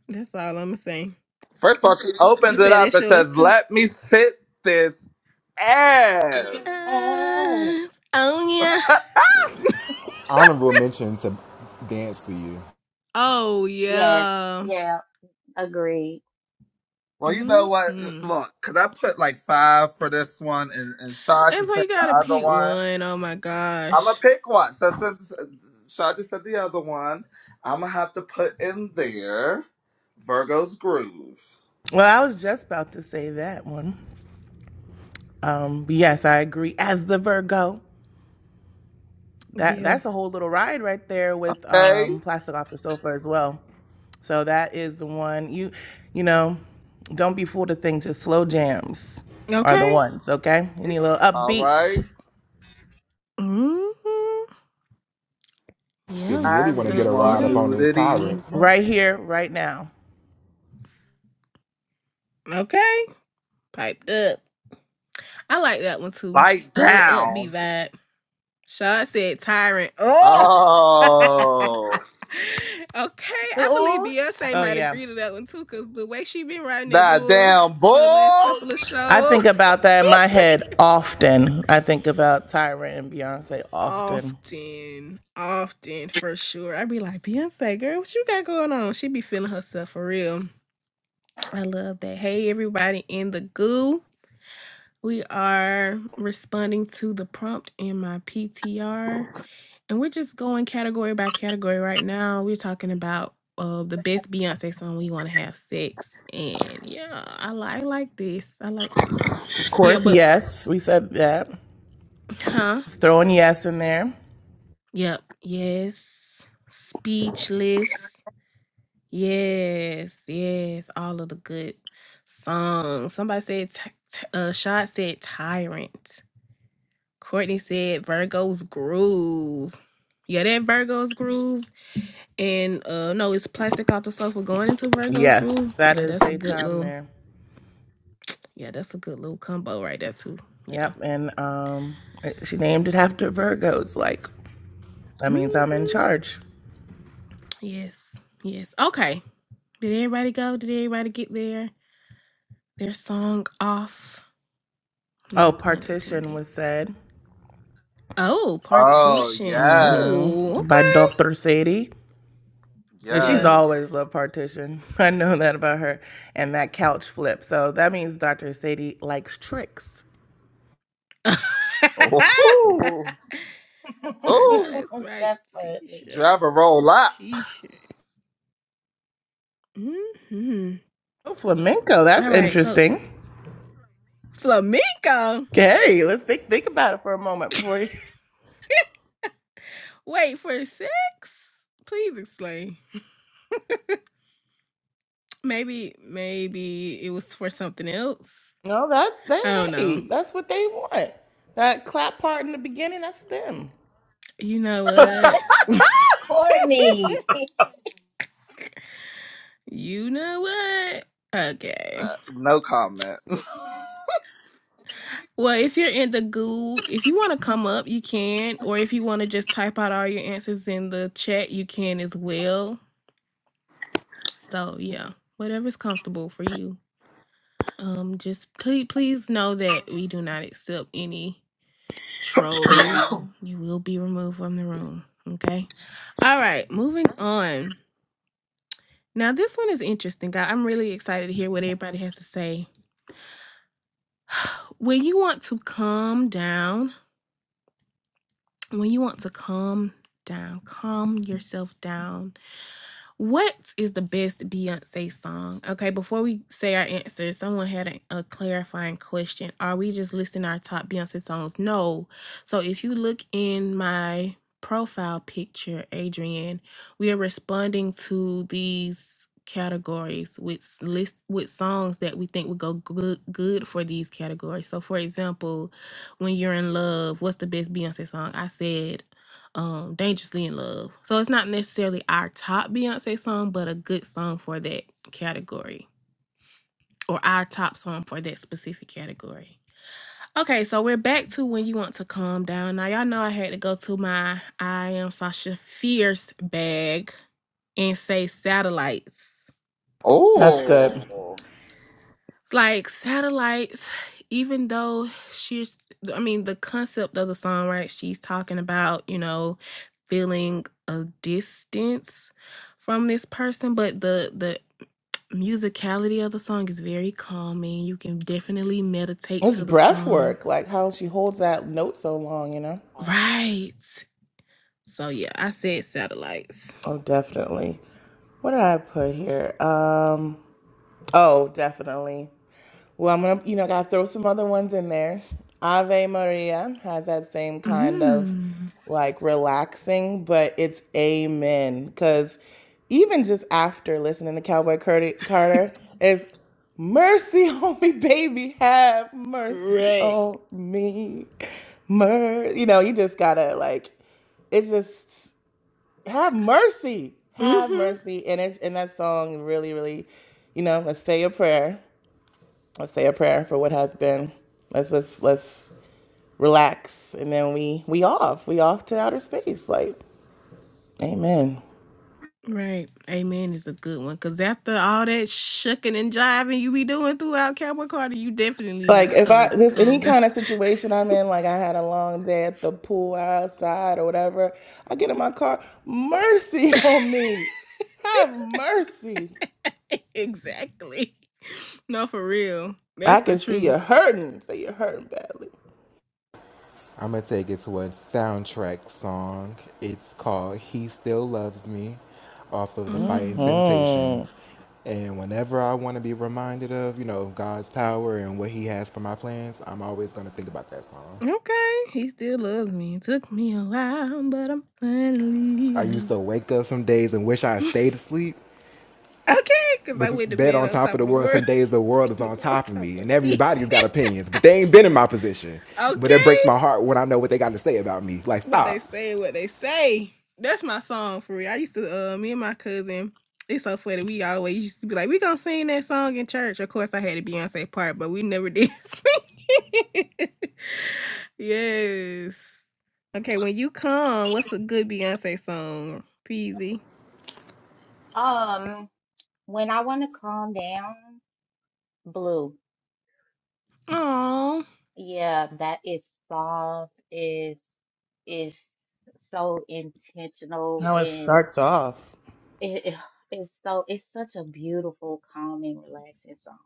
that's all I'm gonna say.
First of all, she
You
opens it
said
up
that's
and
yours
says,
too.
"Let me sit this ass."
Oh.
Uh, oh yeah.
Honorable mention to Dance for You.
oh
Yes.
yeah.
Yeah. Agreed.
Well, you know what?
Mm-hmm.
Look, because I put like five for this one, and, and Sean can
And so
take
you
the
gotta
other
pick
one.
one. Oh my
I'm gonna
gosh.
pick one. So since Shaja said the other one, I'm gonna have to put in there Virgo's groove.
Well, I was just about to say that one. Um, but yes, I agree. As the Virgo, that
Yeah.
that's a whole little ride right there with
Okay.
um, plastic off the sofa as well. So that is the one you, you know, don't be fooled to think just slow jams are the
Okay.
ones. Okay, you need a little
All
upbeat
right.
Mm-hmm.
If
Yeah.
you
I
really want to
need
get
The
a
more
ride
yeah.
up on this tyrant,
nudity.
right here, right now.
Okay, piped up. I like that one too.
Bite
A little upbeat
down.
vibe. Shaw said tyrant. Oh. okay,
Oh,
I believe
Ooh.
Beyonce
Oh
might
yeah.
agree to that one too, cause the way she been riding that
that
bull
damn
for the last
bull.
couple of
I think
shows,
about that in my head often. I think about Tyra and Beyonce often.
often, often for sure. I be like, Beyonce, girl, what you got going on? She be feeling herself for real. I love that. Hey, everybody in the goo. We are responding to the prompt in my PTR. And we're just going category by category right now. We're talking about uh, the best Beyonce song we want to have sex. And yeah, I, li- I like this. I like this.
Of
Yeah,
course,
but
yes, we said that.
huh?
Just throwing yes in there.
Yep. Yes. Speechless. Yes. Yes. All of the good songs. Somebody said, t- t- uh, Shad said Tyrant. Courtney said Virgo's Groove. Yeah, that Virgo's Groove. And uh no, it's plastic off the sofa going into Virgo's groove.
Yes, that
Yeah,
is
that's a
a
good
time
little
there.
yeah, that's a good little combo right there too. Yeah.
Yep, and um, she named it after Virgos. Like that means I'm in
hmm
charge.
Yes. Yes. Okay. Did everybody go? Did everybody get their their song off? No
Oh,
pun
partition
intended.
was said.
Oh,
Oh
partition.
yes,
Oh,
Mm-hmm. By
okay.
Dr. Sadie. Yeah, she's
Yeah.
yes.
always loved partition. I know that about her. And that couch flip. So that means Dr. Sadie likes tricks.
Ooh,
I know
ooh.
that's right.
That's funny.
T-shirt.
Drive a roll up.
T-shirt. Mm-hmm.
Oh, flamenco. That's
All right. So
interesting.
Flamenco.
Okay, let's think think about it for a moment before you.
Wait, for six? Please explain. Maybe, maybe it was for something else.
No, that's they.
I don't know.
Hey, that's what they want. That clap part in the beginning. That's them.
You know what?
Courtney.
you know what? Okay.
Uh, No comment.
Well, if you're in the goo, if you want to come up, you can. Or if you want to just type out all your answers in the chat, you can as well. So, yeah, whatever's comfortable for you. Um, just please, please know that we do not accept any trolling, you will be removed from the room. Okay. All right. Moving on. Now, this one is interesting. guy. I'm really excited to hear what everybody has to say. When you want to calm down, when you want to calm down, calm yourself down What is the best Beyonce song? Okay, before we say our answer, someone had a, a clarifying question. Are we just listing our top Beyonce songs? No. So if you look in my profile picture, Adrian, we are responding to these categories with s- list with songs that we think would go good good for these categories. So for example, when you're in love, what's the best Beyonce song? I said um dangerously in love so it's not necessarily our top beyonce song but a good song for that category or our top song for that specific category okay so we're back to when you want to calm down now y'all know i had to go to my i am sasha fierce bag and say satellites
That's good.
Oh.
Like satellites, even though she's, I mean, the concept of the song, right? She's talking about, you know, feeling a distance from this person, but the, the, musicality of the song is very calming. You can definitely meditate
It's
to the
breath
song.
work. Like how she holds that note so long. You know.
Right. So yeah, I said satellites.
Oh, definitely. What did I put here? Um. Oh, definitely. Well, I'm gonna, you know, gotta throw some other ones in there. Ave Maria has that same kind of
Mm.
like relaxing, but it's amen. Cause even just after listening to Cowboy Carter, Carter is mercy on me, baby, have mercy
Right.
on me. Mer, you know, you just gotta like, it's just have mercy, have
Mm-hmm.
mercy, and it's and that song really, really, you know, let's say a prayer Let's say a prayer for what has been. Let's let's let's relax, and then we we off. We off to outer space. Like, amen.
Right. Amen is a good one. Cause after all that shucking and jiving you be doing throughout Cowboy Carter, you definitely
Like
need to
if
calm,
I
d-
just any
calm down.
kind of situation I'm in, like I had a long day at the pool outside or whatever, I get in my car. Mercy on me. Have mercy.
exactly. No, for real. That's
I
the
can see you
truth.
hurting. Say you're hurting badly.
I'm gonna take it to a soundtrack song. It's called "He Still Loves Me," off of the Fighting
Mm.
hmm
Temptations. And whenever I want to be reminded of, you know, God's power and what He has for my plans, I'm always gonna think about that song.
Okay. He still loves me. It took me a while, but I'm finally.
I used
um,
to wake up some days and wish I had stayed asleep.
okay. Cause
Was
I went to
bed
bed
on
on
top of
top
the
of the
world.
world.
Some days the world is
the
on
world
top of
on top
me, and
of me.
everybody's got opinions, but they ain't been in my position. But it
Okay.
breaks my heart when I know what they got to say about me. Like,
What they
stop.
say, what they say. That's my song for real. I used to, uh, me and my cousin, it's so funny. We always used to be like, we gonna sing that song in church. Of course, I had a Beyonce part, but we never did sing it. yes. Okay, when you come, what's a good Beyonce song? Peasy.
Um. When I want to calm down, blue.
Oh,
Yeah, that is soft, is is so intentional
How it
and
starts off.
it, it- it's so it's such a beautiful, calming, relaxing song.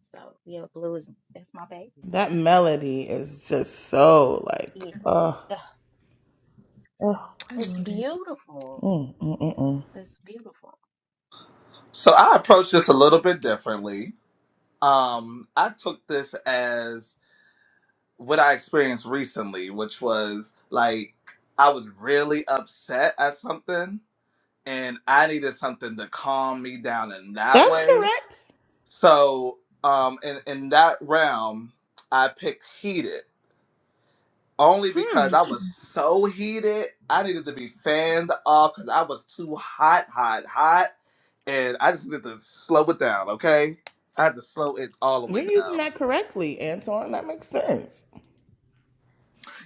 So yeah, blue is that's my baby.
That melody is just so like,
Yeah.
oh.
Ugh,
it
I
It's
love it.
beautiful.
Mm, mm, mm, mm.
It's beautiful.
So I approached this a little bit differently. Um, I took this as what I experienced recently, which was like I was really upset at something and I needed something to calm me down in that
That's
way.
correct.
So um in, in that realm, I picked heated only
Hmm.
because I was so heated. I needed to be fanned off because I was too hot, hot, hot and I just need to slow it down, okay? I had to slow it all the way
You're
down.
using that correctly, Antoine. That makes sense.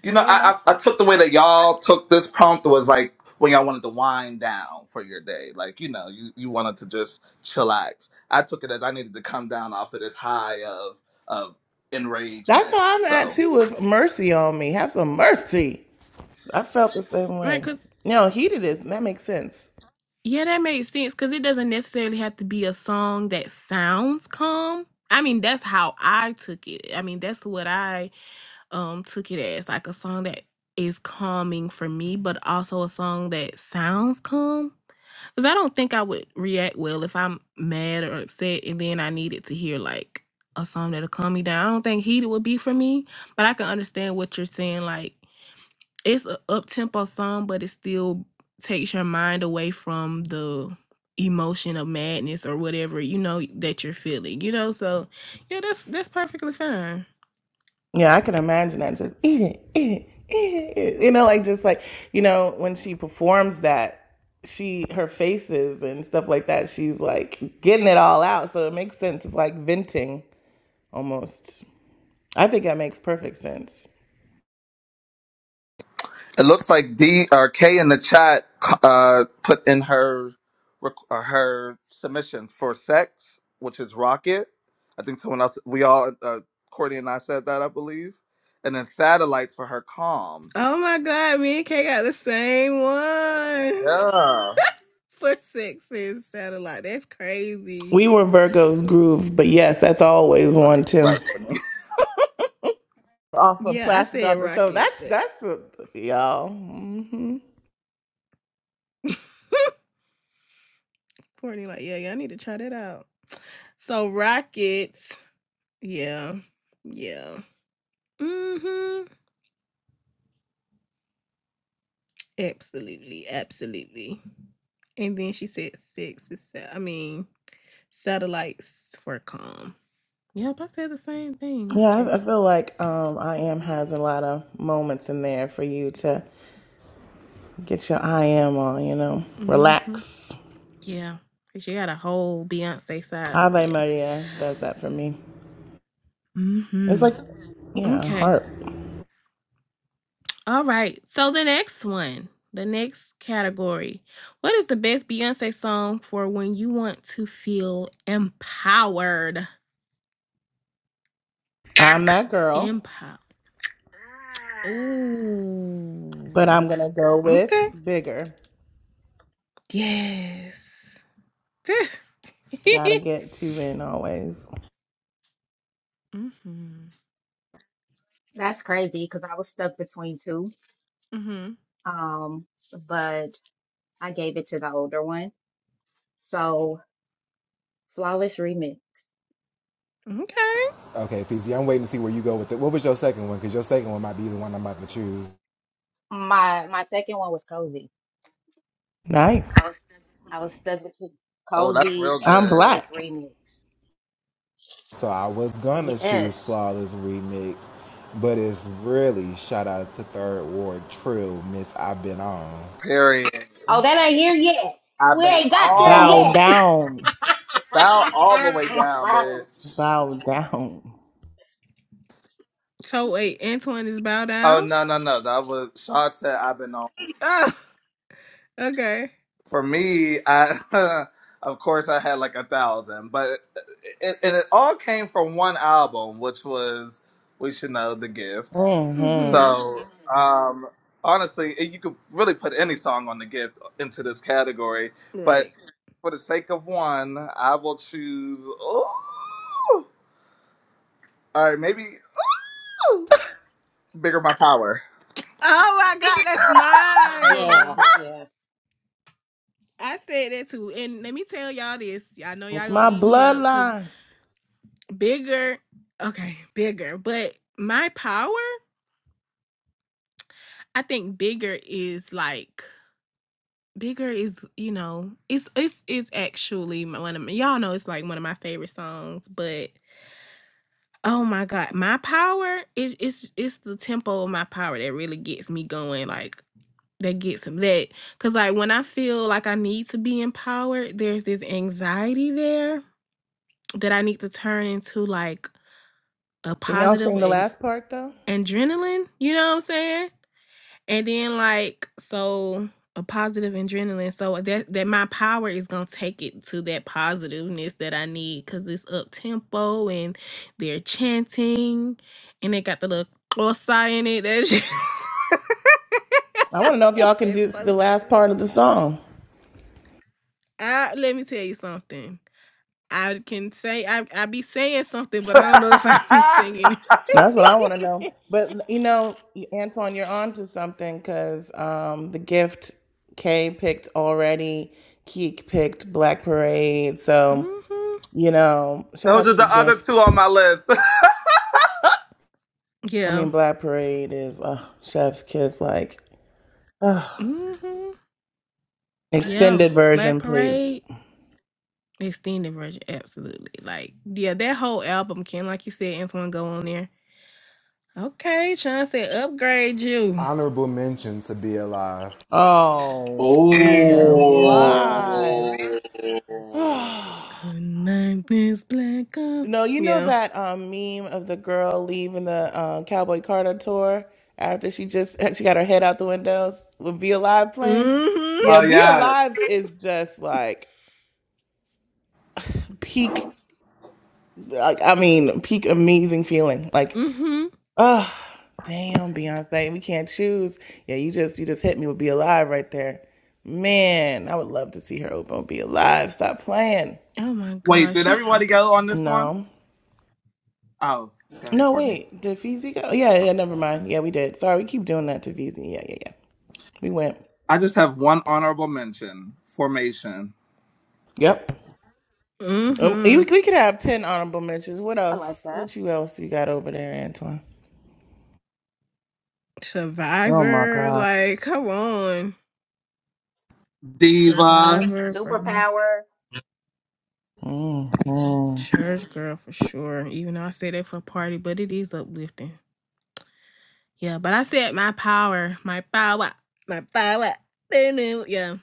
You know,
Very
I,
much
I I
so.
took the way
Yeah.
that y'all took this prompt was like when y'all wanted to wind down for your day. Like, you know, you, you wanted to just chillax. I took it as I needed to come down off of this high of of
That's
enragement.
how I'm at
So
too with mercy on me. Have some mercy. I felt the same
Right,
way.
cause
You know, heated is that makes sense.
Yeah, that makes sense because it doesn't necessarily have to be a song that sounds calm. I mean, that's how I took it. I mean, that's what I um took it as like a song that is calming for me, but also a song that sounds calm. Because I don't think I would react well if I'm mad or upset and then I needed to hear like a song that'll calm me down. I don't think heated would be for me, but I can understand what you're saying. Like, it's a up tempo song, but it still takes your mind away from the emotion of madness or whatever, you know, that you're feeling, you know? So yeah, that's that's perfectly fine.
Yeah, I can imagine that just eat it, eat it, eat it. You know, like just like you know, when she performs that, she her faces and stuff like that, she's like getting it all out. So it makes sense. It's like venting almost. I think that makes perfect sense.
It looks like D or K in the chat uh, put in her rec- uh, her submissions for sex, which is rocket. I think someone else, we all, uh, Courtney and I said that, I believe. And then satellites for her calm.
Oh my god, me and Kay got the same one
Yeah,
for sex and satellite. That's crazy.
We were Virgo's groove, but yes, that's always
right,
one
you're
too.
right, Courtney.
Off of
Yeah, I
plastic
said
off the so
rocket.
that's
That-
that's a, y'all. hmm
Courtney, like, yeah, y'all need to try that out. So rockets, yeah, yeah. Mm-hmm. Absolutely, absolutely. And then she said 6 is sa- I mean, satellites for calm. Yep, I said the same thing.
Yeah,
Okay.
I, I feel like um, I am has a lot of moments in there for you to get your I am on. You know,
Mm-hmm.
relax.
Yeah. 'cause She got a whole Beyonce side, so
Ave
yeah.
Maria does that for me. It's
Mm-hmm.
like, yeah,
Okay.
heart.
All right. So the next one, the next category. What is the best Beyonce song for when you want to feel empowered?
I'm that girl,
Empower.
but
Ooh.
I'm gonna go with
Okay.
bigger.
Yes.
Gotta get two in always.
mhm.
That's crazy because I was stuck between two.
Mhm.
Um, but I gave it to the older one. So flawless remix.
Okay.
Okay, Feezy, I'm waiting to see where you go with it. What was your second one? Because your second one might be the one I'm about to choose.
My my second one was cozy.
Nice.
I was stuck between
Oh, that's
cozy
real
and
I'm
good.
black.
flawless remix.
So I was gonna choose
Yes.
Flawless Remix, but it's really shout out to Third Ward Trill, Miss I've Been On.
Period.
Huh?
Oh, that ain't here yet.
I've
We
been
ain't got there
Bow
on,
yet.
down.
bow all the way down, bitch.
Bow down.
So wait, Antoine is bow
Oh
down.
no, no, no. That was Shaw said. I've been on.
Oh, okay.
For me, I of course I had like a thousand, but it, and it all came from one album, which was we should know the gift.
hmm
Mhm.
So um, honestly, it- you could really put any song on the gift into this category, but
Right.
for the sake of one, I will choose. ooh, all right, maybe ooh, bigger my power.
Oh my God, that's
yeah,
mine.
yeah.
I said that too, and let me tell y'all this. I know y'all
It's
gonna
my
eat me up because
bloodline.
bigger. Okay, bigger, but my power. I think bigger is like bigger is you know it's it's it's actually one of my, y'all know it's like one of my favorite songs, but Oh my god, my power is it's it's the tempo of my power that really gets me going. Like that gets me that because like when I feel like I need to be empowered, there's this anxiety there that I need to turn into like a
Can y'all
positive
sing the
an-
last part though?
adrenaline. You know what I'm saying? And then like so a positive adrenaline. So that that my power is gonna take it to that positiveness that I need because it's up tempo and they're chanting and they got the little sigh in it. That's just,
I want to know if y'all
it's
can do
just
the
so
last
good.
part of the song.
I, let me tell you something. I can say I I be saying something, but I don't know if I be singing.
That's what I want to know. But you know, Antoine, you're on to something because um, the gift K picked already, Keek picked Black Parade. So
hmm
You know, shout
Those
out
are
to the
the other two
gift.
on my list.
I
Yeah.
mean, Black Parade is uh, Chef's Kiss, like uh,
hmm Yeah.
extended
Black
version, please.
Parade. extended version, absolutely. Like, yeah, that whole album can, like you said, Antoine, go on there. Okay, Sean said, upgrade you.
Honorable mention to Be Alive.
Oh,
Oh.
be
Oh yeah.
alive. no,
Good night, Miss Blacker.
you know
Yeah.
that um, meme of the girl leaving the um, Cowboy Carter tour after she just she got her head out the windows with Be Alive playing.
Mm-hmm.
Yeah,
Oh
Be
yeah.
Alive is just like peak. Like I mean, peak amazing feeling. Like
Mm-hmm.
Oh, damn, Beyonce, we can't choose. Yeah, you just you just hit me with Be Alive right there. Man, I would love to see her open Be Alive. Stop playing.
Oh my
Wait,
god,
did
she
everybody
opened
go on this one?
No.
Oh, go ahead,
No,
Courtney.
wait. Did Feezy go? Yeah, yeah, never mind. Yeah, we did. Sorry, we keep doing that to Feezy. Yeah, yeah, yeah. We went.
I just have one honorable mention. Formation.
Yep. Um, you,
Mm-hmm.
we could have 10 honorable mentions. What
I like
else?
that.
What you else you got over there, Antoine? Oh my
Survivor,
God.
like, come on.
Diva.
Survivor for me.
Superpower.
Mm. Mm.
Church girl for sure. Even though I say that for party, but it is uplifting. Yeah, but I said my power, my power, my power. Yeah,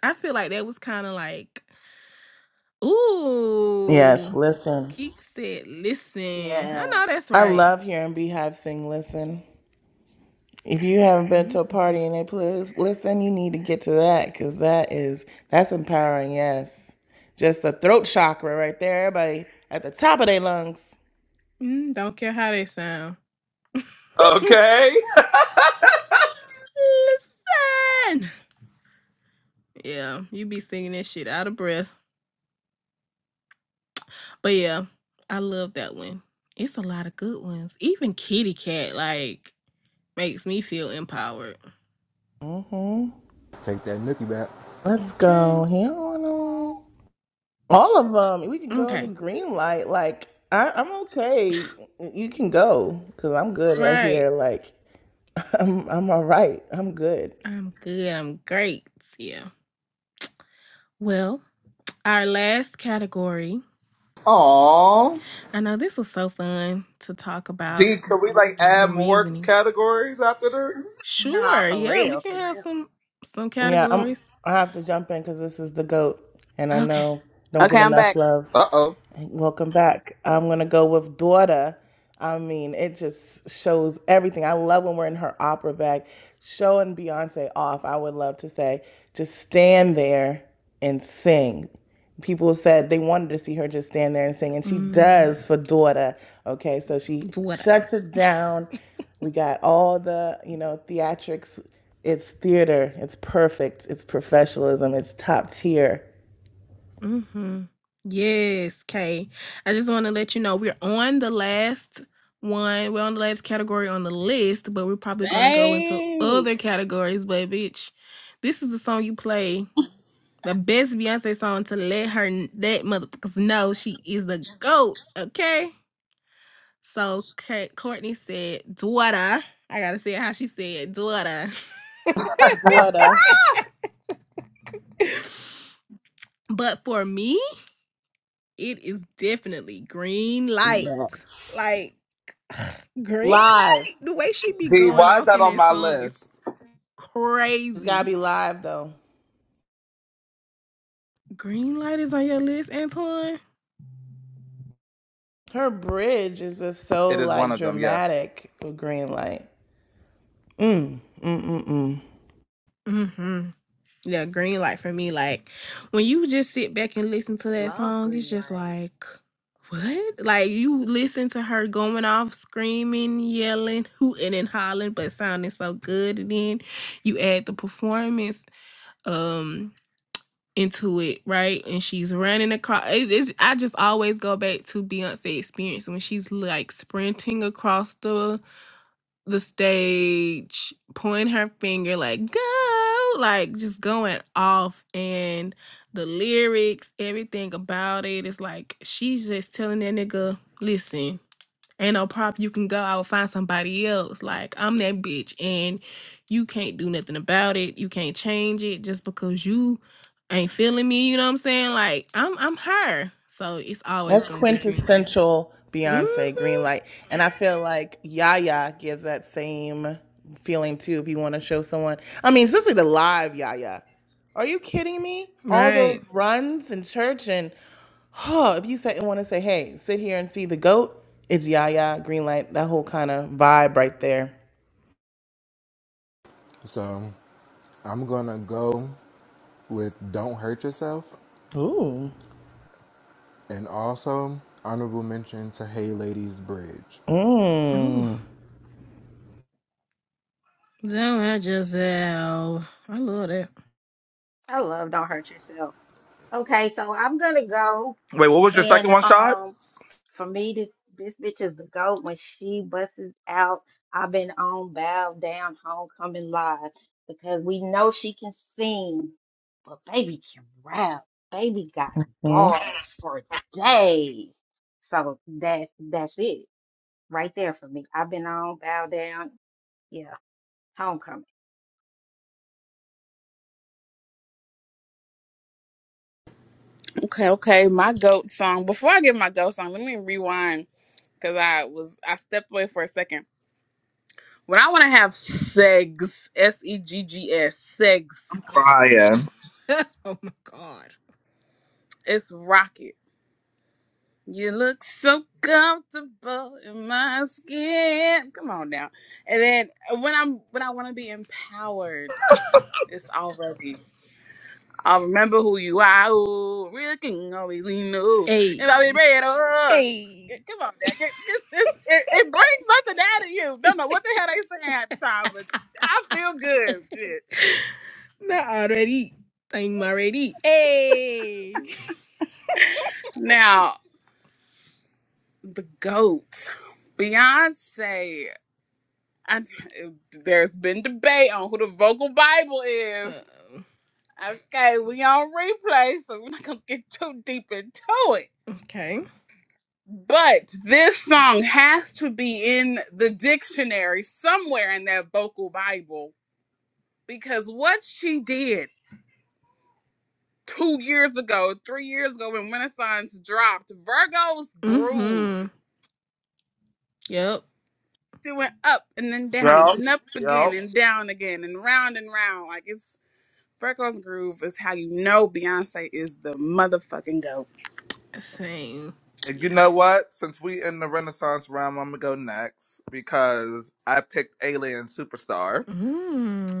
I feel like that was kind of like,
Yes,
ooh,
listen.
Keek said, listen. I
Yeah.
know that's
I
right.
love hearing Beehive sing Listen. If you haven't been
hmm
to a party and they please listen, you need to get to that because that is that's empowering. Yes, just the throat chakra right there. Everybody at the top of their lungs.
Mm, don't care how they sound. listen.
Okay.
Yeah, you be singing that shit out of breath. But yeah, I love that one. It's a lot of good ones. Even Kitty Cat, like, makes me feel empowered.
hmm
Take that nookie back.
Let's
Okay.
go. Here on on. all of them. We can go to
Okay.
green light. Like I, I'm okay. You can go because I'm good right
Right.
here. Like I'm I'm all right. I'm good.
I'm good. I'm great. Yeah. Well, our last category.
Aw.
I know this was so fun to talk about
D, could we like
the
add more
reasoning.
categories after there?
Nah,
Sure.
for
Yeah, we
real,
can
for
have
real.
some some
Yeah, I'm.
categories.
I have to jump in because this is the goat, and I
Okay.
know don't
Okay,
get
I'm
enough
back.
love.
Uh oh.
And welcome back. I'm gonna go with daughter. I mean, it just shows everything. I love when we're in her opera bag, showing Beyonce off. I would love to say, just stand there and sing. People said they wanted to see her just stand there and sing, and she
Mm,
does for daughter. Okay, so she
what I.
shuts it down. We got all the you know theatrics. It's theater. It's perfect. It's professionalism. It's top tier.
mm-hmm. Yes, Kay. I just want to let you know we're on the last one. We're on the last category on the list, but we're probably gonna go into
Dang.
other categories. But bitch, this is the song you play The best Beyonce song to let her that motherfuckers know she is the GOAT. Okay. So Ka- Courtney said, daughter. I gotta say how she said, daughter.
Daughter.
but for me, it is definitely green light.
Yes.
Like green?
Live.
The way she be
D,
going
why is
off
that
in
on
that
my
song is
list?
It's gotta
crazy.
be live though.
Green light is on your list, Antoine?
Her bridge is just
It
so
is one
like
of them, yes.
dramatic with green light. Mm, mm, mm, mm.
Mm-hmm. Yeah, green light for me. Like when you just sit back and listen to
I
that
love
song, it's
green
just
light.
like what? Like you listen to her going off, screaming, yelling, hooting and hollering, but sounding so good. And then you add the performance um into it, right? And she's running across. It's, it's I just always go back to Beyonce experience when she's like sprinting across the the stage, pointing her finger like go, like just going off and the lyrics, everything about it. It's like she's just telling that nigga, listen, ain't no prop you can go. I will find somebody else. Like I'm that bitch and you can't do nothing about it. You can't change it just because you ain't feeling me, you know what I'm saying? Like I'm I'm her. So it's always
That's
gonna be green like,
quintessential Beyonce green
mm-hmm.
light. And I feel like Yaya gives that same feeling too if you want to show someone. I mean, especially the live Yaya. Are you kidding me? All
Right.
those runs in church and oh, if you say want to say, hey, sit here and see the goat, it's Yaya, green light, that whole kind of vibe right there.
So I'm gonna go with Don't Hurt Yourself
Ooh.
and also honorable mention to Hey Ladies Bridge.
Ooh.
Mm.
Don't hurt yourself. I love that.
I love don't hurt yourself. Okay, so I'm gonna go.
Wait, what was your second
And
one shot?
um, for me, this this bitch is the goat. When she busts out, I've been on bow down homecoming live because we know she can sing, but baby can rap. Baby got
Mm.
bars for days. So that that's it right there for me. I've been on bow down. Yeah, homecoming.
Okay, okay. My goat song. Before I get my goat song, let me rewind because I was I stepped away for a second. When I want to have segs, S E G G S, segs,
Brian.
oh my god.
it's rocket. You look so comfortable in my skin. Come on now. And then uh, when I'm when I want to be empowered, it's already. I'll remember who you are. Ooh, real king always we know. and I will be
Hey,
red, oh.
hey,
Get- Come on, now. Get- It's, it's, it, it brings something out of you. Don't know what the hell they saying at the time, but I feel good. Shit.
not already. I'm already. Hey.
Now, the GOAT, Beyonce. I, there's been debate on who the vocal Bible is.
Uh-oh.
Okay, we on replay, so we're not gonna get too deep into it.
Okay.
But this song has to be in the dictionary somewhere in that vocal Bible because what she did two years ago, three years ago when Renaissance dropped Virgo's Groove.
Mm-hmm. Yep.
She went up and then down,
Yep.
and then up again
Yep.
and down again and round and round. Like it's Freckles Groove is how you know Beyonce is the motherfucking goat.
Same.
You
Yeah.
know what? Since we in the Renaissance realm, I'm gonna go next because I picked Alien Superstar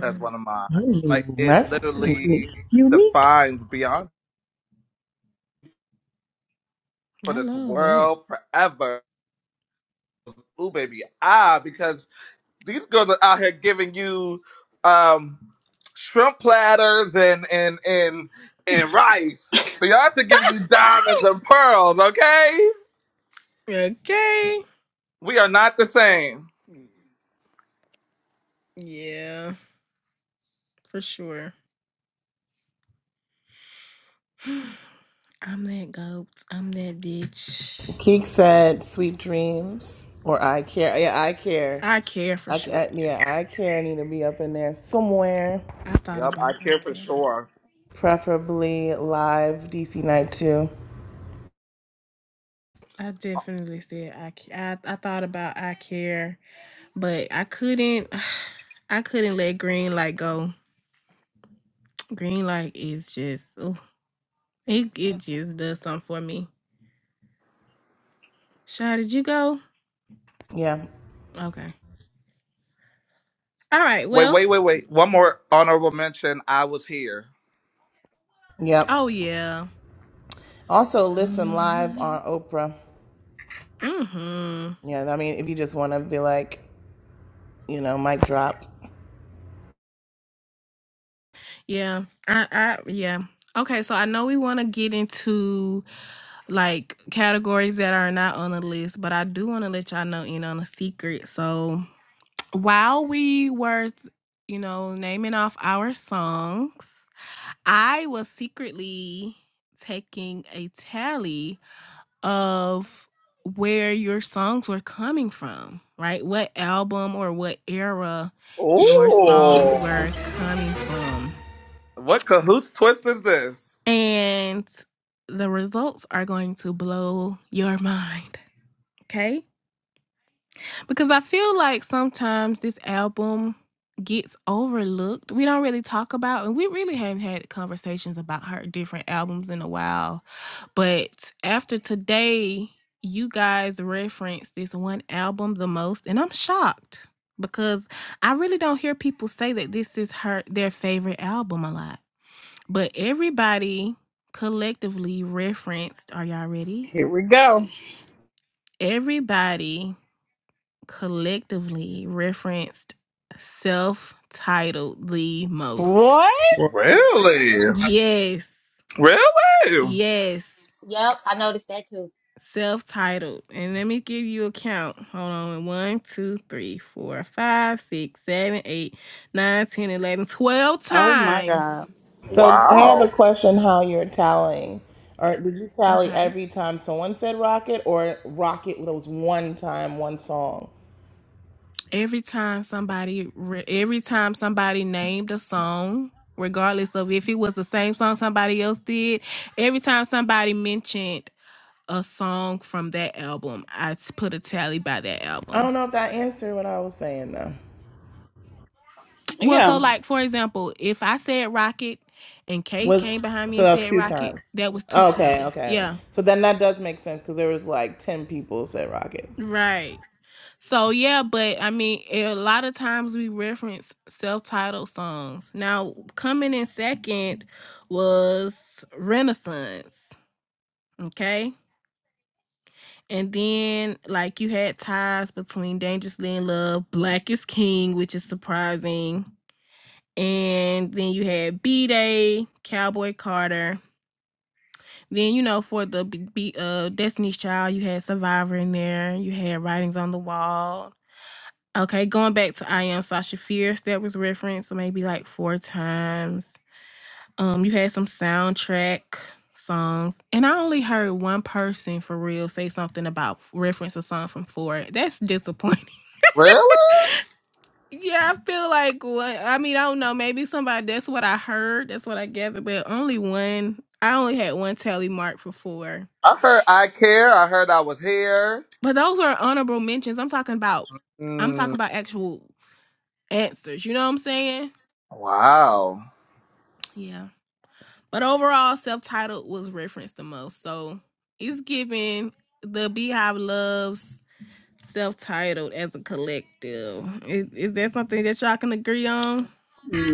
as one of mine. Like
Mm.
it
That's unique.
literally
Unique.
defines Beyond for
I
this
love that.
world forever. Ooh, baby, ah, because these girls are out here giving you um shrimp platters and and and and rice. Beyonce giving you diamonds and pearls. Okay,
Okay.
we are not the same.
Yeah, for sure. I'm that goat. I'm that bitch.
Keek said, "Sweet dreams," or "I care." Yeah, I care.
I care for
I,
sure.
I
Yeah.
yeah, I care. Need to be up in there somewhere,
I thought
Yep, I
about I
care for
care too.
sure.
preferably live DC night too.
I definitely said I, c- I I thought about I care, but I couldn't I couldn't let green light go. Green light is just oh it it just does something for me. Shy, did you go?
Yeah.
Okay. All right.
Wait,
Well.
wait, wait, wait. One more honorable mention. I was here.
Yep.
Oh yeah.
Also, listen live on
Mm-hmm.
Oprah. Yeah. I mean, if you just want to be like, you know, mic drop.
Yeah. I I yeah. Okay, so I know we want to get into like categories that are not on the list, but I do want to let y'all know in on a secret. So While we were, you know, naming off our songs, I was secretly taking a tally of where your songs were coming from, right? What album or what era your songs
Ooh.
were coming from.
What cahoots twist is this?
And the results are going to blow your mind, okay? Because I feel like sometimes this album gets overlooked. We don't really talk about and we really haven't had conversations about her different albums in a while. But after today, you guys reference this one album the most and I'm shocked because I really don't hear people say that this is her their favorite album a lot. But everybody collectively referenced, are y'all ready?
Here we go.
Everybody collectively referenced self titled the most.
What?
Really?
Yes,
Really?
yes,
Yep, I noticed that too.
self titled. And let me give you a count. Hold on. One, two, three, four, five, six, seven, eight, nine, ten, eleven, twelve
Oh my
times.
god.
So I have
Wow.
a question how you're tallying. Or did you tally
Okay.
every time someone said rocket or rocket was one time, one song?
Every time somebody, re- every time somebody named a song, regardless of if it was the same song somebody else did, every time somebody mentioned a song from that album, I t- put a tally by that
I
album.
don't know if that answered what I was saying though.
Well, so
Yeah.
like for example, if I said Rocket and Kay
Was
came behind me
so
and
that was
said
two
Rocket,
times.
that was two
Okay,
tallies.
okay.
Yeah.
So then that does make sense because there was like ten people said rocket.
Right. So yeah, but I mean, a lot of times we reference self-titled songs. Now, coming in second was Renaissance, okay? And then like you had ties between Dangerously in Love, Black is King, which is surprising and then you had B Day, Cowboy Carter. Then you know for the B- uh, Destiny's Child, you had Survivor in there. You had Writings on the Wall. Okay, going back to I Am Sasha Fierce, that was referenced maybe like four times. Um, you had some soundtrack songs, and I only heard one person for real say something about reference a song from Ford. That's disappointing.
Really?
Yeah, I feel like what I mean, I don't know, maybe somebody that's what I heard, that's what I gathered, but only one I only had one tally mark for four.
I heard I care. I heard I was here.
But those are honorable mentions. I'm talking about I'm talking
Mm,
about actual answers, you know what I'm saying?
wow.
Yeah. But overall, self-titled was referenced the most. So it's giving the Beehive loves self-titled as a collective. Is, is that something that y'all can agree on?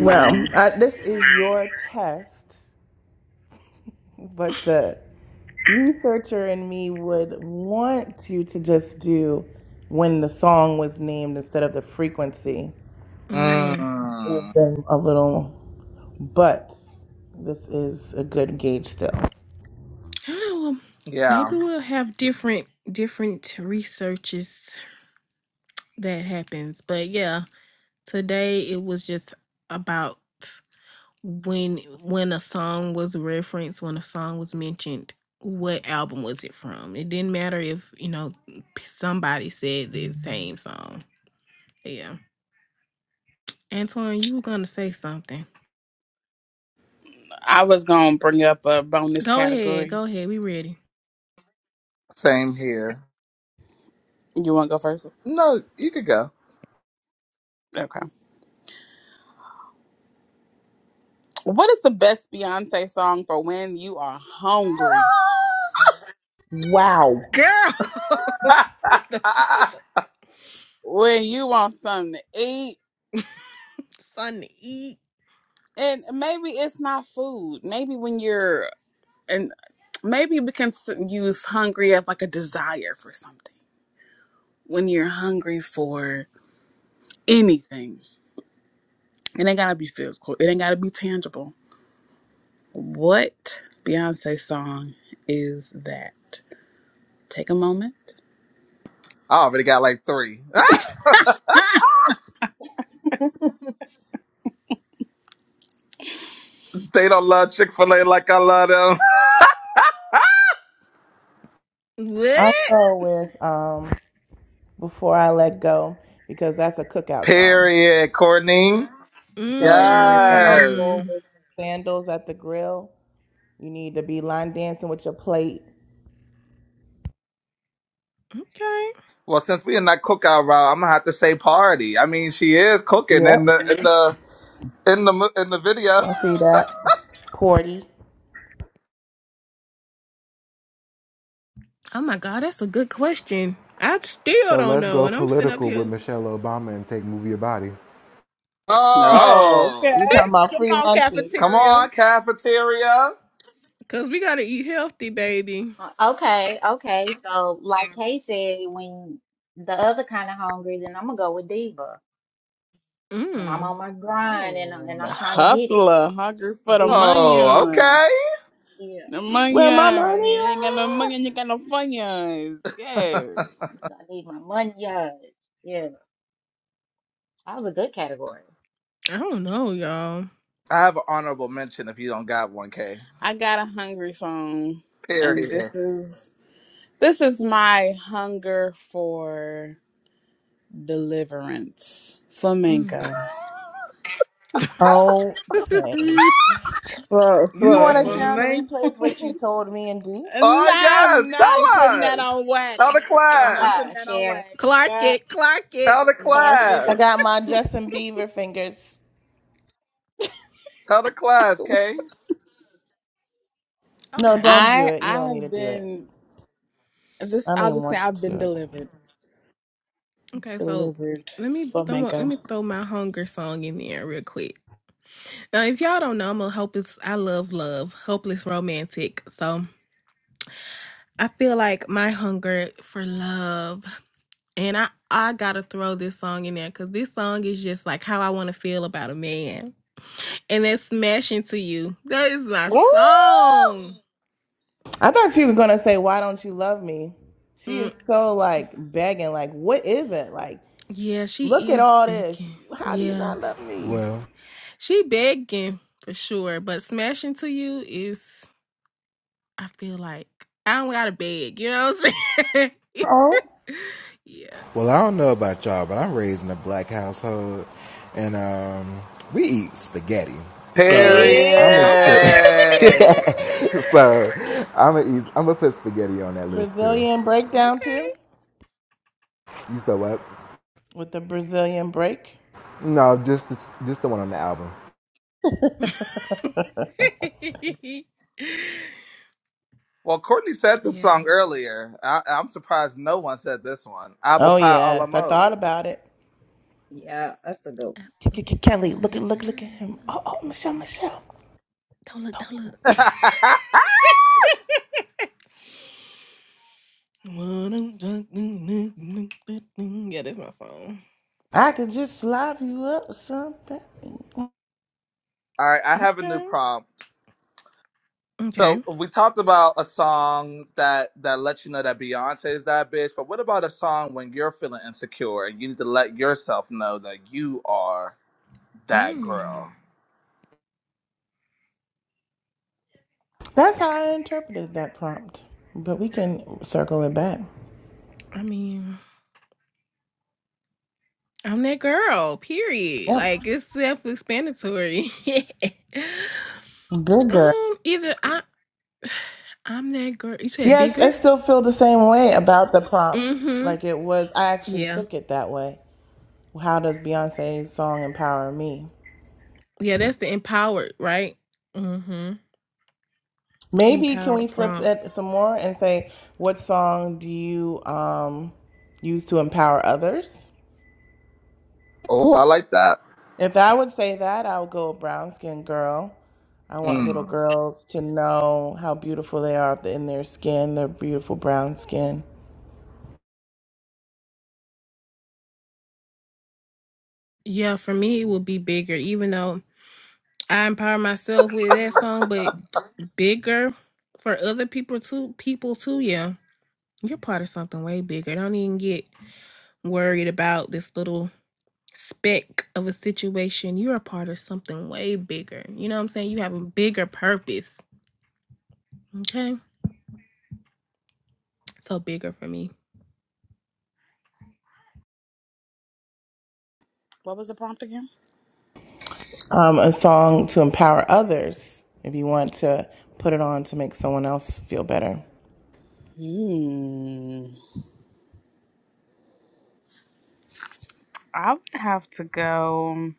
Well, uh, this is your test, but the researcher in me would want you to just do when the song was named instead of the frequency.
Mm.
Mm,
a little, but this is a good gauge still.
I don't know. um,
yeah.
Maybe we'll have different different researches that happens. But yeah, today it was just about when when a song was referenced, when a song was mentioned, what album was it from? It didn't matter if you know p- somebody said the same song. Yeah, Antoine, you were gonna say something.
I was gonna bring up a bonus
Go ahead,
category.
go ahead. We ready,
Same here.
You wanna go first?
No, you could go.
Okay. What is the best Beyonce song for when you are hungry?
Wow.
girl? the
I
When you want something to eat?
sun to eat
And maybe it's not food. Maybe when you're and maybe we can s- use hungry as like a desire for something. When you're hungry for anything. It ain't gotta be physical. It ain't gotta be tangible. What Beyonce song is that? Take a moment.
already got like three. They don't love Chick fil A like I love them.
I'll
what?
go with um, Before I Let Go because that's a cookout song.
Period, Courtney.
So you need the
Yes.
uncle
Mmm.
with the sandals at the grill. You need to be line dancing with your plate.
Okay.
Well, since we in that cookout route, I'm gonna have to say party. I mean, she is cooking
Yep,
in the in the in the mo- in the video.
I see that. Porty.
Oh my God, that's a good question. I still
So
don't
let's
know,
go
and I'm sitting up
political with
here
Michelle Obama and take Move Your Body.
Oh, okay.
Oh,
You talking about free
Come on,
lunches.
come
cafeteria.
on, cafeteria.
because we gotta eat healthy, baby.
Uh, Okay, okay. So, like Kay said, when the other kind of hungry, then I'm gonna go with Diva. When I'm
Mm.
on my grind and I'm,
Oh,
and
the
I'm trying to get it,
hustler, hungry for the
Diva.
money.
Oh, okay.
Yeah,
The money. You
Where my money
ain't got no money, you got no funyuns. Yeah.
I need my money. Yes, yeah. That was a good category.
I don't know, y'all.
I have an honorable mention if you don't got one, K.
I got a hungry song, and
Period.
this is this is my hunger for deliverance.
Mm.
Flamenco.
at? Okay.
For
Do you
you
for
know
want to
for
what?
share on the
me,
replays what you told me and D?
no,
Oh yes,
I'm not
tell
putting that
us.
on
Tell the
wax. I'm not
class.
putting
Uh-uh,
that on
share.
wax.
Clark
Uh,
it, Clark it.
Tell the
I'm just
Clark
kidding.
it.
I
class.
got my Justin Bieber fingers.
Tell the class, K.
No,
Okay.
don't do
I
it. You
I
don't need to
have
do it.
been
I
just.
don't
I'll
even
just say
want you
I've
to
been
do it.
delivered.
Okay. So
Delivered
let me throw let
flamenco.
me throw my hunger song in there real quick. Now, if y'all don't know, I'm a hopeless. I love love, hopeless romantic. So I feel like my hunger for love. And I, I gotta throw this song in there because this song is just like how I want to feel about a man. And that's smashing to you. That is my
Woo!
song.
I thought she was gonna say, "Why don't you love me?" She
Mm,
is so like begging. Like, what is it? Like,
yeah,
look
she
at
is
all this.
begging.
How do you
Yeah.
not love me?
Well,
She begging for sure. But smashing to you is I feel like I don't gotta beg, you know what I'm saying?
Oh.
yeah.
Well, I don't know about y'all, but I'm raised in a black household, and um, we eat spaghetti. So I'm gonna
Okay.
t-
Yeah.
Period.
so I'm gonna eat. I'm gonna put spaghetti on that list too.
Brazilian breakdown
Okay.
too,
You said what?
with the Brazilian break.
No, just the, just the one on the album.
Well, Courtney said this
yeah.
song earlier. I, I'm surprised no one said this one. Apple
Oh
pie a la
yes, I thought
mode.
about it.
Yeah, that's a good one.
Apple pie,
Kelly, look at look look at him.
lemon.
Oh, oh, Michelle, Michelle.
Don't look, don't look.
All
yeah, that's my song.
I could just slap you up or something.
right, I have a new
Okay.
prompt.
Okay.
So we talked about a song that that lets you know that Beyonce is that bitch, but what about a song when you're feeling insecure and you need to let yourself know that you are that
Mm,
girl?
That's how I interpreted that prompt. But we can circle it back.
I mean, I'm that girl, period.
Yep.
Like, it's self explanatory.
Good girl.
um, either I, I'm that girl. You said
Yes, I
bigger?
still feel the same way about the
Mm
prompt.
hmm.
Like it was, I actually
Yeah.
took it that way. How does Beyonce's song empower me?
Yeah, that's the empowered, right? Mm hmm.
Maybe can we
Empowered
flip
prompt.
it some more and say, what song do you um, use to empower others?
Oh, I like that.
If I would say that, I would go brown skin girl. I want little
Mm.
girls to know how beautiful they are in their skin, their beautiful brown skin.
Yeah, for me, it would be bigger, even though I empower myself with that song, but bigger for other people too. People too, yeah. You're part of something way bigger. Don't even get worried about this little speck of a situation. You're a part of something way bigger. You know what I'm saying? You have a bigger purpose. Okay, so bigger for me.
What was the prompt again?
um, a song to empower others if you want to put it on to make someone else feel better.
Hmm. I would have to go um,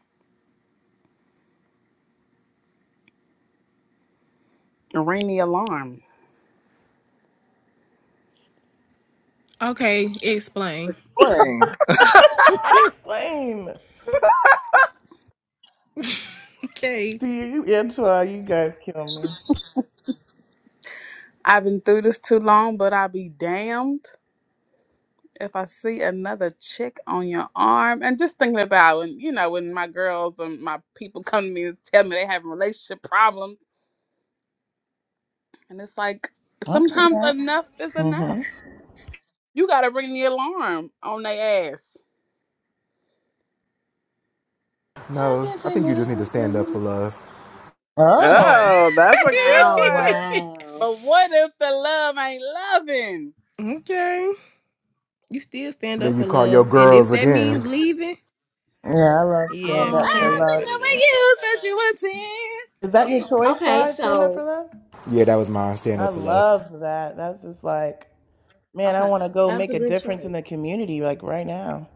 ring the alarm.
Okay, explain.
Explain.
I'd explain.
okay.
Do you intro? You guys kill me.
I've been through this too long, but I'll be damned. if I see another chick on your arm, and just thinking about when you know when my girls and my people come to me and tell me they have relationship problems, and it's like
I see
sometimes
that.
enough is
hmm
enough. You gotta ring the alarm on their ass.
No, I think you just need to stand up for love.
Oh,
Oh, that's a good
Oh
one.
wow.
But what if the love ain't loving?
okay. You still stand up
Then
for
you call your
love, and if
girls
that
again.
means leaving.
yeah, I love
Yeah,
Stand Up
get
for
your
Um.
I've
ass
been
Love.
out of
loving
there.
you since you were ten.
Is that your choice,
Okay,
Shy? Stand Up for
so
Love?
Yeah, that was mine. Stand
I
up for love.
love that. That's just like, man, I
okay,
want to go
that was
make
a
a
good
difference in
choice.
the community, like right now.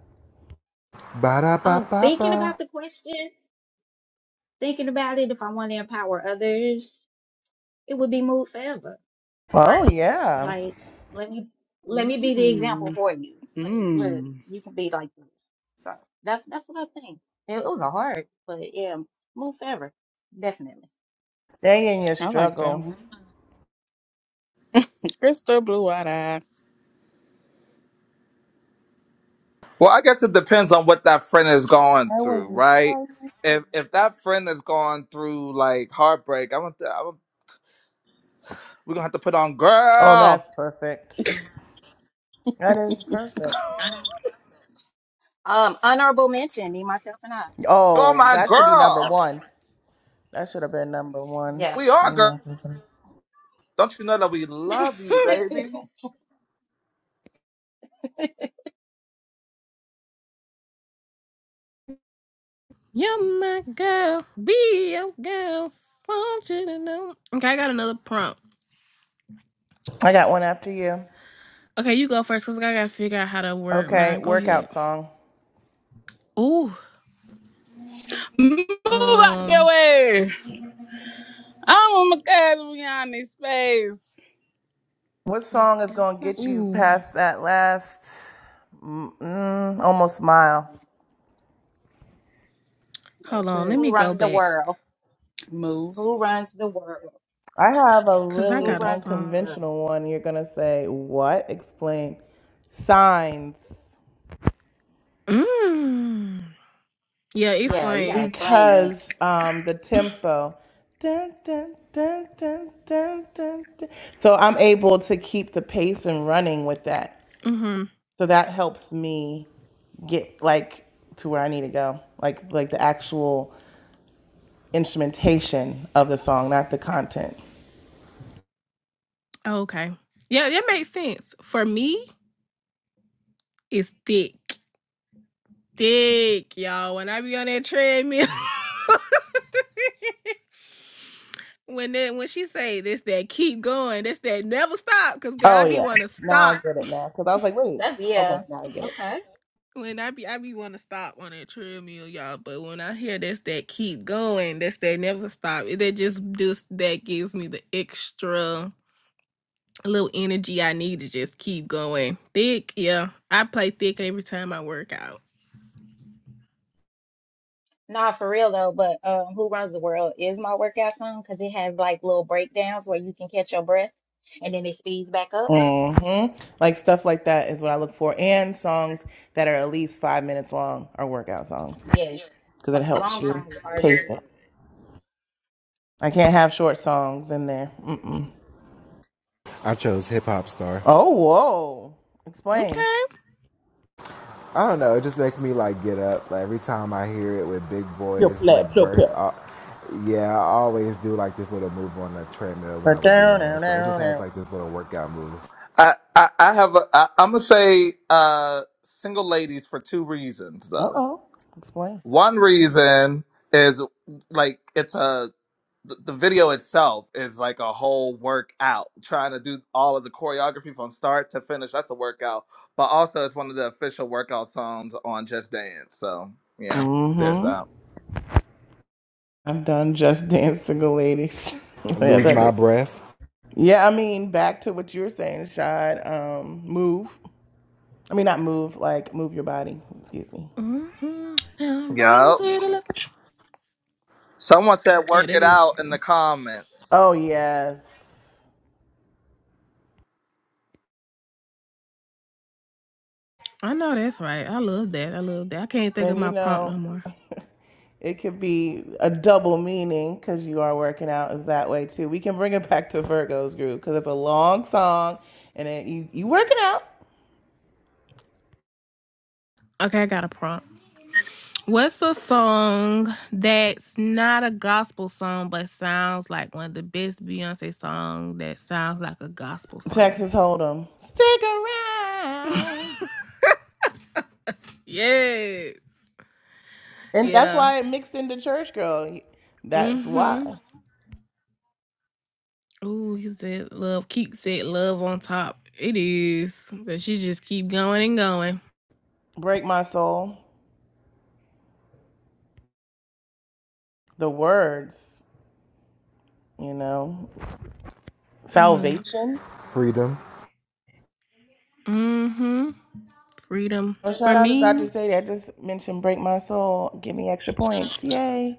Ba da ba
Um,
ba
thinking about
ba.
the question, thinking about it, if I want to empower others. it would be moved forever.
Oh, yeah.
Like, let me let me be the example
Mm,
for you. Like, look,
mm,
you can be like this. So that's that's what I think. It, it was a hard, but yeah, move forever, definitely.
Stay in your
I like that
struggle.
one. Crystal blue eyed eye.
Well, I guess it depends on what that friend is going
How was
through,
you?
right? If if that friend is going through like heartbreak, I'm gonna, I'm gonna- we're gonna have to put on
Oh, that's
girl.
perfect. That is perfect.
Um, honorable mention, me, myself, and I.
You're
Oh,
my
that should be number
Mm,
girl.
one. That should have been number one.
Yeah.
We are
Me,
girl.
my-
Don't you know that we love you,
Huh.
baby?
You're my girl, be your girl. Want you to know. Okay, I got another prompt.
I got one after you.
Okay, you go first, cause I gotta figure out how to word
Okay,
mine. Go ahead.
workout song.
Ooh,
Move out the
um,
way. I'm on my cousin Rihanna's space.
What
Me
song is
and
gonna
my
get you
girlfriend.
ooh.
past that last mm, mm, almost mile?
Hold
That's
on, let
it.
Who
me go
runs the
back,
world?
Move.
Who runs the world?
I have a
cause I
Who
really
got a
runs the
song.
world?
unconventional one. You're gonna say what? Explain. Signs.
Mm. Yeah,
Yeah, you
explain.
gotta explain that.
Because um the tempo. Dun, dun, dun, dun, dun, dun, dun. So I'm able to keep the pace and running with that.
Mm-hmm.
So that helps me get like to where I need to go, like like the actual instrumentation of the song, not the content.
Oh, okay. Yeah, that makes sense. For me, it's thick, thick, y'all. When I be on that treadmill. When that when she say this that keep going, this that never stop, cause girl, I
Oh
be
yeah,
wanna
now I
stop.
get it now because I was like, wait,
That's
okay,
yeah.
now I get it.
Okay.
When I be I be wanna stop on that treadmill, y'all. But when I hear this that keep going, this that never stop, that just just that gives me the extra little energy I need to just keep going. Thick, yeah. I play thick every time I work out.
Nah, for real though, but um, Who Runs the World is my workout song because it has like little breakdowns where you can catch your breath and then it speeds back up.
hmm Like stuff like that is what I look for, and songs that are at least five minutes long are workout songs
Yes,
because
Lo-
it helps
long
you
songs are
pace
good.
it. I can't have short songs in there. Mm-mm.
I chose hip hop star.
Oh whoa, explain.
Okay.
I don't know. It just makes me like get up. Like every time I hear it with big
Yo,
boys
play,
like
play,
burst.
play.
Uh, yeah, I always do like this little move on the treadmill when I would get in there. So it just has like this little workout move.
I I, I have a I, I'm gonna say uh single ladies for two reasons
Uh
though.
oh, explain.
One reason is like it's a the, the video itself is like a whole workout. Trying to do all of the choreography from start to finish, that's a workout. But also, it's one of the official workout songs on Just Dance. So, yeah, there's
hmm
that.
I've done Just Dance Single Ladies. yeah,
Lose
that-
my
is-
breath,
yeah, I mean, back to what you were saying, Shad. Um, move. I mean, not move, like move your body. Excuse me.
hmm Now run
Yup.
to the left.
Someone said
Yeah,
work
that
it
is
out in
cool.
the comments.
Oh, yes.
I know that's right. I love that. I love that. I can't think of
And you
my prompt no
know,
more.
it could be a double meaning because you are working out is that way too. We can bring it back to Virgo's group because it's a long song and it, you, you working out.
Okay, I got a prompt. What's a song that's not a gospel song but sounds like one of the best Beyonce songs that sounds like a gospel song?
Texas Hold'em. Stick around.
Yes.
And that's
Yeah.
why it mixed into church girl. That's why.
Mm-hmm. Ooh, he said love. Keep said love on top. It is. But she just keep going and going.
Break my soul. The words, you know,
Oh my god.
salvation.
freedom.
Mm-hmm. Freedom.
Oh, shout
For
out to
me.
Dr. Sadie. I just mentioned break my soul. Give me extra points. Yay.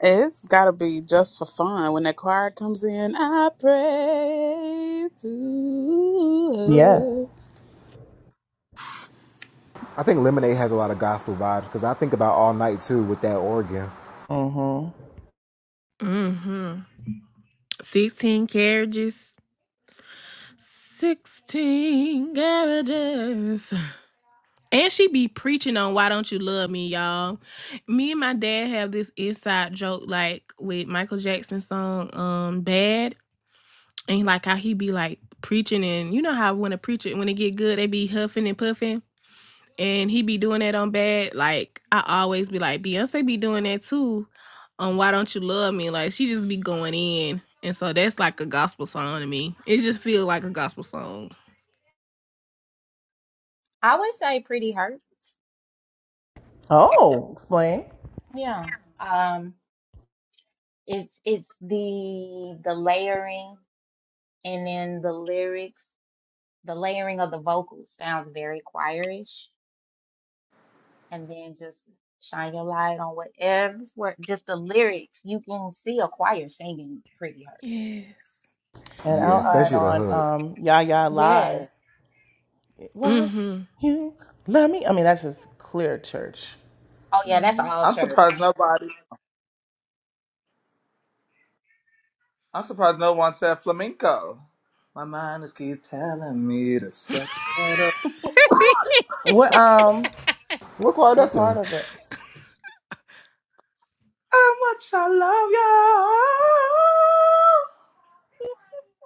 It's gotta be just for fun. When that choir comes in, I pray to
Yes.
her.
I think Lemonade has a lot of gospel vibes because I think about all night too with that organ.
Mm-hmm.
Mm-hmm. 16 carriages. 16 garages. And she be preaching on why don't you love me, y'all. Me and my dad have this inside joke like with Michael Jackson's song um Bad and like how he be like preaching and you know how when a preacher when it get good they be huffing and puffing and he be doing that on Bad like I always be like Beyonce be doing that too on why don't you love me like she just be going in and so that's like a gospel song to me. It just feel like a gospel song.
I would say Pretty Hurts.
Oh, explain.
Yeah. Um, it's it's the the layering and then the lyrics, the layering of the vocals sounds very choirish, and then just shine your light on whatever's where just the lyrics. You can see a choir singing Pretty Hurts.
Yeah.
And
Yeah,
I'll add
When
especially the
on
hood.
um Ya Ya Live.
Yes.
Why
Mm-hmm.
you love me? I mean that's just clear church.
Oh yeah, that's
mm
all
I'm surprised
church.
nobody, I'm surprised no one said flamenco. My mind is keep telling me to say how
What um
What choir?
what
that's
part
him.
of it?
much I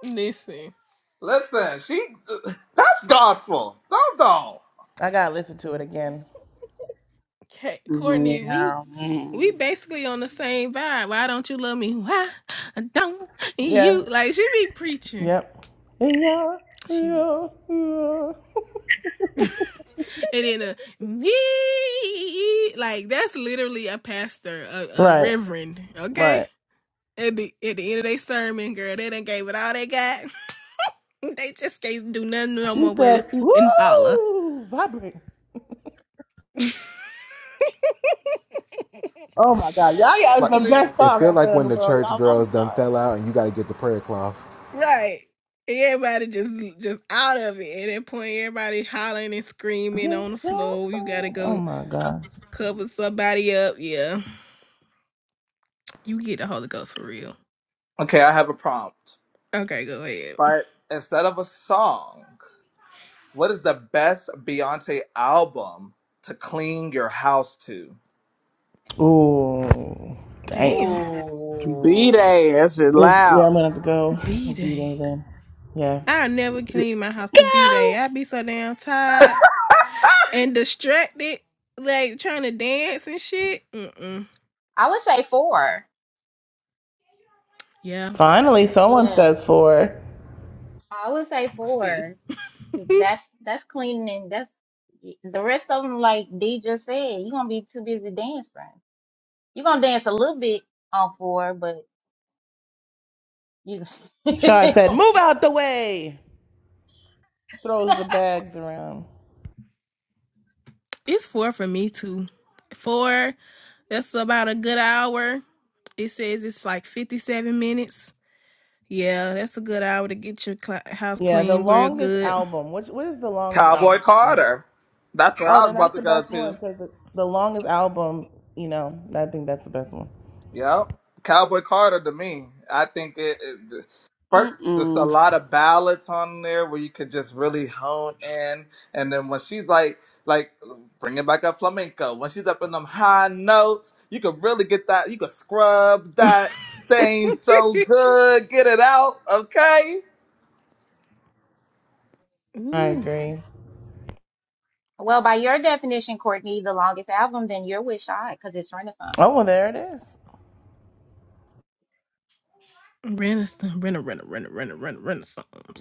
listen,
love you. Listen, she, that's gospel. Don't don't.
I gotta listen to it again.
Ka- Courtney, we
Yeah.
we
Mm.
basically on the same vibe. Why don't you love me? Why don't
Yeah.
you like? She be preaching.
Yep. Yeah,
She be
yeah, yeah.
preaching. and then a me like that's literally a pastor, a, a
Right,
reverend.
right.
Okay. At the, at the end of their sermon, girl, they done gave it all they got. they just can't do nothing no
She
more but
said,
hoop and holler.
"Woo, vibrate."
Look.
Oh my God, y'all got
Like
the best
it
song
feel
ever
like
in the
when the
world,
church
y'all. I'm
girls done
sorry.
fell out and you got to get the prayer cloth.
Right. And Everybody just just out of it at that point. Everybody hollering and screaming
You're
on the
so
floor. You gotta
fine. Oh
go
my God.
cover somebody up. Yeah, you get the Holy Ghost for real.
Okay, I have a prompt.
Okay, go ahead.
But instead of a song, what is the best Beyonce album to clean your house to?
Ooh, damn.
Damn,
B
Ooh,
Day, that shit
If, yeah,
loud.
I'm gonna have to go
B
beat
day.
anything. Yeah.
I never clean my house to B day.
Go!
I be so damn tired and distracted, like trying to dance and shit. Mm-mm.
I would say four.
Yeah.
Finally, someone
Yeah,
says four.
I would say
See,
four. 'Cause That's that's cleaning. That's the rest of them. Like D just said, you're gonna be too busy dancing. You're gonna dance a little bit on four, but you.
Shad said, "Move out the way." Throws the bags around.
it's four for me too. Four. That's about a good hour. It says it's like fifty-seven minutes. Yeah, that's a good hour to get your cl- house
Yeah, the
clean, real
longest
good.
album. Which what is the longest
Cowboy
album?
Carter. That's what
Oh,
I was
then that's
about
the
to go
best one
to.
because the, the longest album, you know, I think that's the best one.
Yeah, Cowboy Carter to me. I think it, it first there's a
Mm-mm.
lot of ballads on there where you could just really hone in and then when she's like like bringing back up flamenco, when she's up in them high notes, you could really get that you could scrub that thing so good, get it out, okay?
I
Ooh,
agree.
well, by your definition, Courtney, the longest album, then you're with Shy because it's Renaissance.
Oh, well, there it is.
Renaissance, Rena, Rena, Rena, Rena, Rena,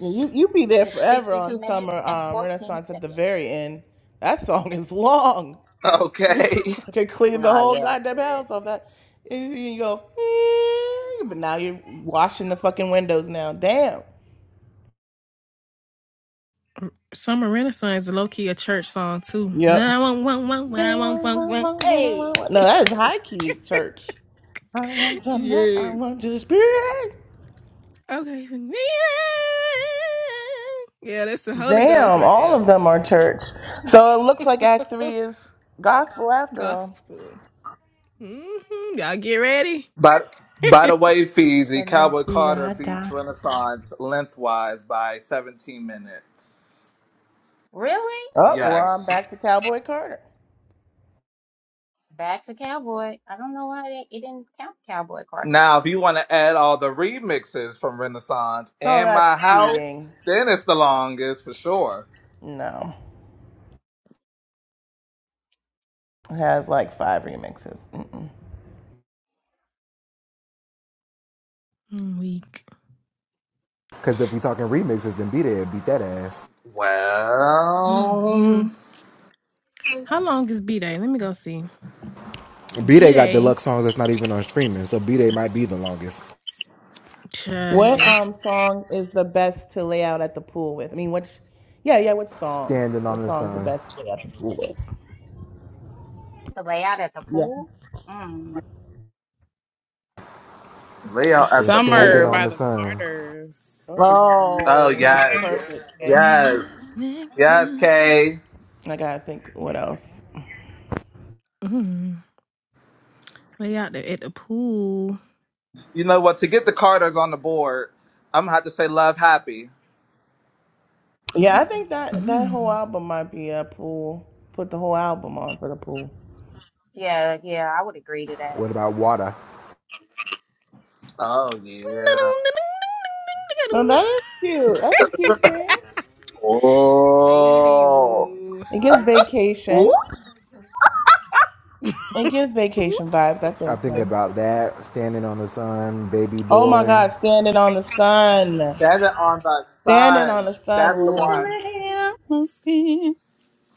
Yeah, you you be there
It's
forever on
62
Summer
minutes and
um,
14
Renaissance at the
seconds.
very end. That song is long. You
Okay.
could clean the
Nah,
whole
yeah,
goddamn
for real.
house off that. And you you go, "Eh," but now you're washing the fucking windows now. Damn.
Summer Renaissance is low key a church song too. What
Yep.
I want, want, want, what I want, want, want. Hey,
No, that is high key church. I want your love. I
yes.
want your spirit.
Okay. Yeah, Yeah, that's the Holy Ghost
Damn,
right
all
there.
of them are church. So it looks like Act 3 is gospel after all.
Gospel. hmm Y'all get ready.
But by the way, Feezy, Cowboy Carter beats
Balenciaga.
Renaissance lengthwise by 17 minutes.
Really?
Oh, well, I'm
Yes.
back to Cowboy Carter.
Back to Cowboy. I don't know why they, it didn't count Cowboy Carter then.
Now, if you want to add all the remixes from Renaissance
Oh,
and My House,
cheating.
then it's the longest for sure.
No. It has like five remixes. Mm-mm.
Mm, Week.
Because if we talking remixes, then be there, beat that ass.
hmm
Well,
How long is B Day? Let me go see.
B Day got
B-Day.
deluxe songs that's not even on streaming, so B Day might be the longest.
Child,
What
yeah.
um song is the best to lay out at the pool with? I mean, which, yeah, yeah, what song?
Standing on
What
the
song's the
sun
best to lay out at the pool with?
To lay out at the
Yes.
pool? Mm.
Leo at
it's
the
standing
Summer
on
pool.
by
the
the
sun.
Carters. That's a good one.
Oh,
Oh, that's
yes.
perfect, game.
And
Yes.
let's make
Yes,
love.
Kay.
I gotta think what else.
Mm. They out there at the pool.
You know what? To get the Carters on the board, I'm going to have to say Love Happy.
Yeah, I think that that whole
Mm.
album might be a pool. Put the whole album on for the pool.
Yeah, yeah, I would agree to that.
What about water?
Oh, yeah.
No, that is cute. That's a cute thing.
Baby,
Oh.
ooh.
It gives
Ooh.
vacation. It gives
Swoop.
vacation vibes. I
I
think
think
so.
about that. Standing on the sun, baby
Oh my
boy.
God, standing on the sun.
Seven on the
Standing on
Sun.
the sun
That's the
Nothing
one.
wins.
I have, no skin.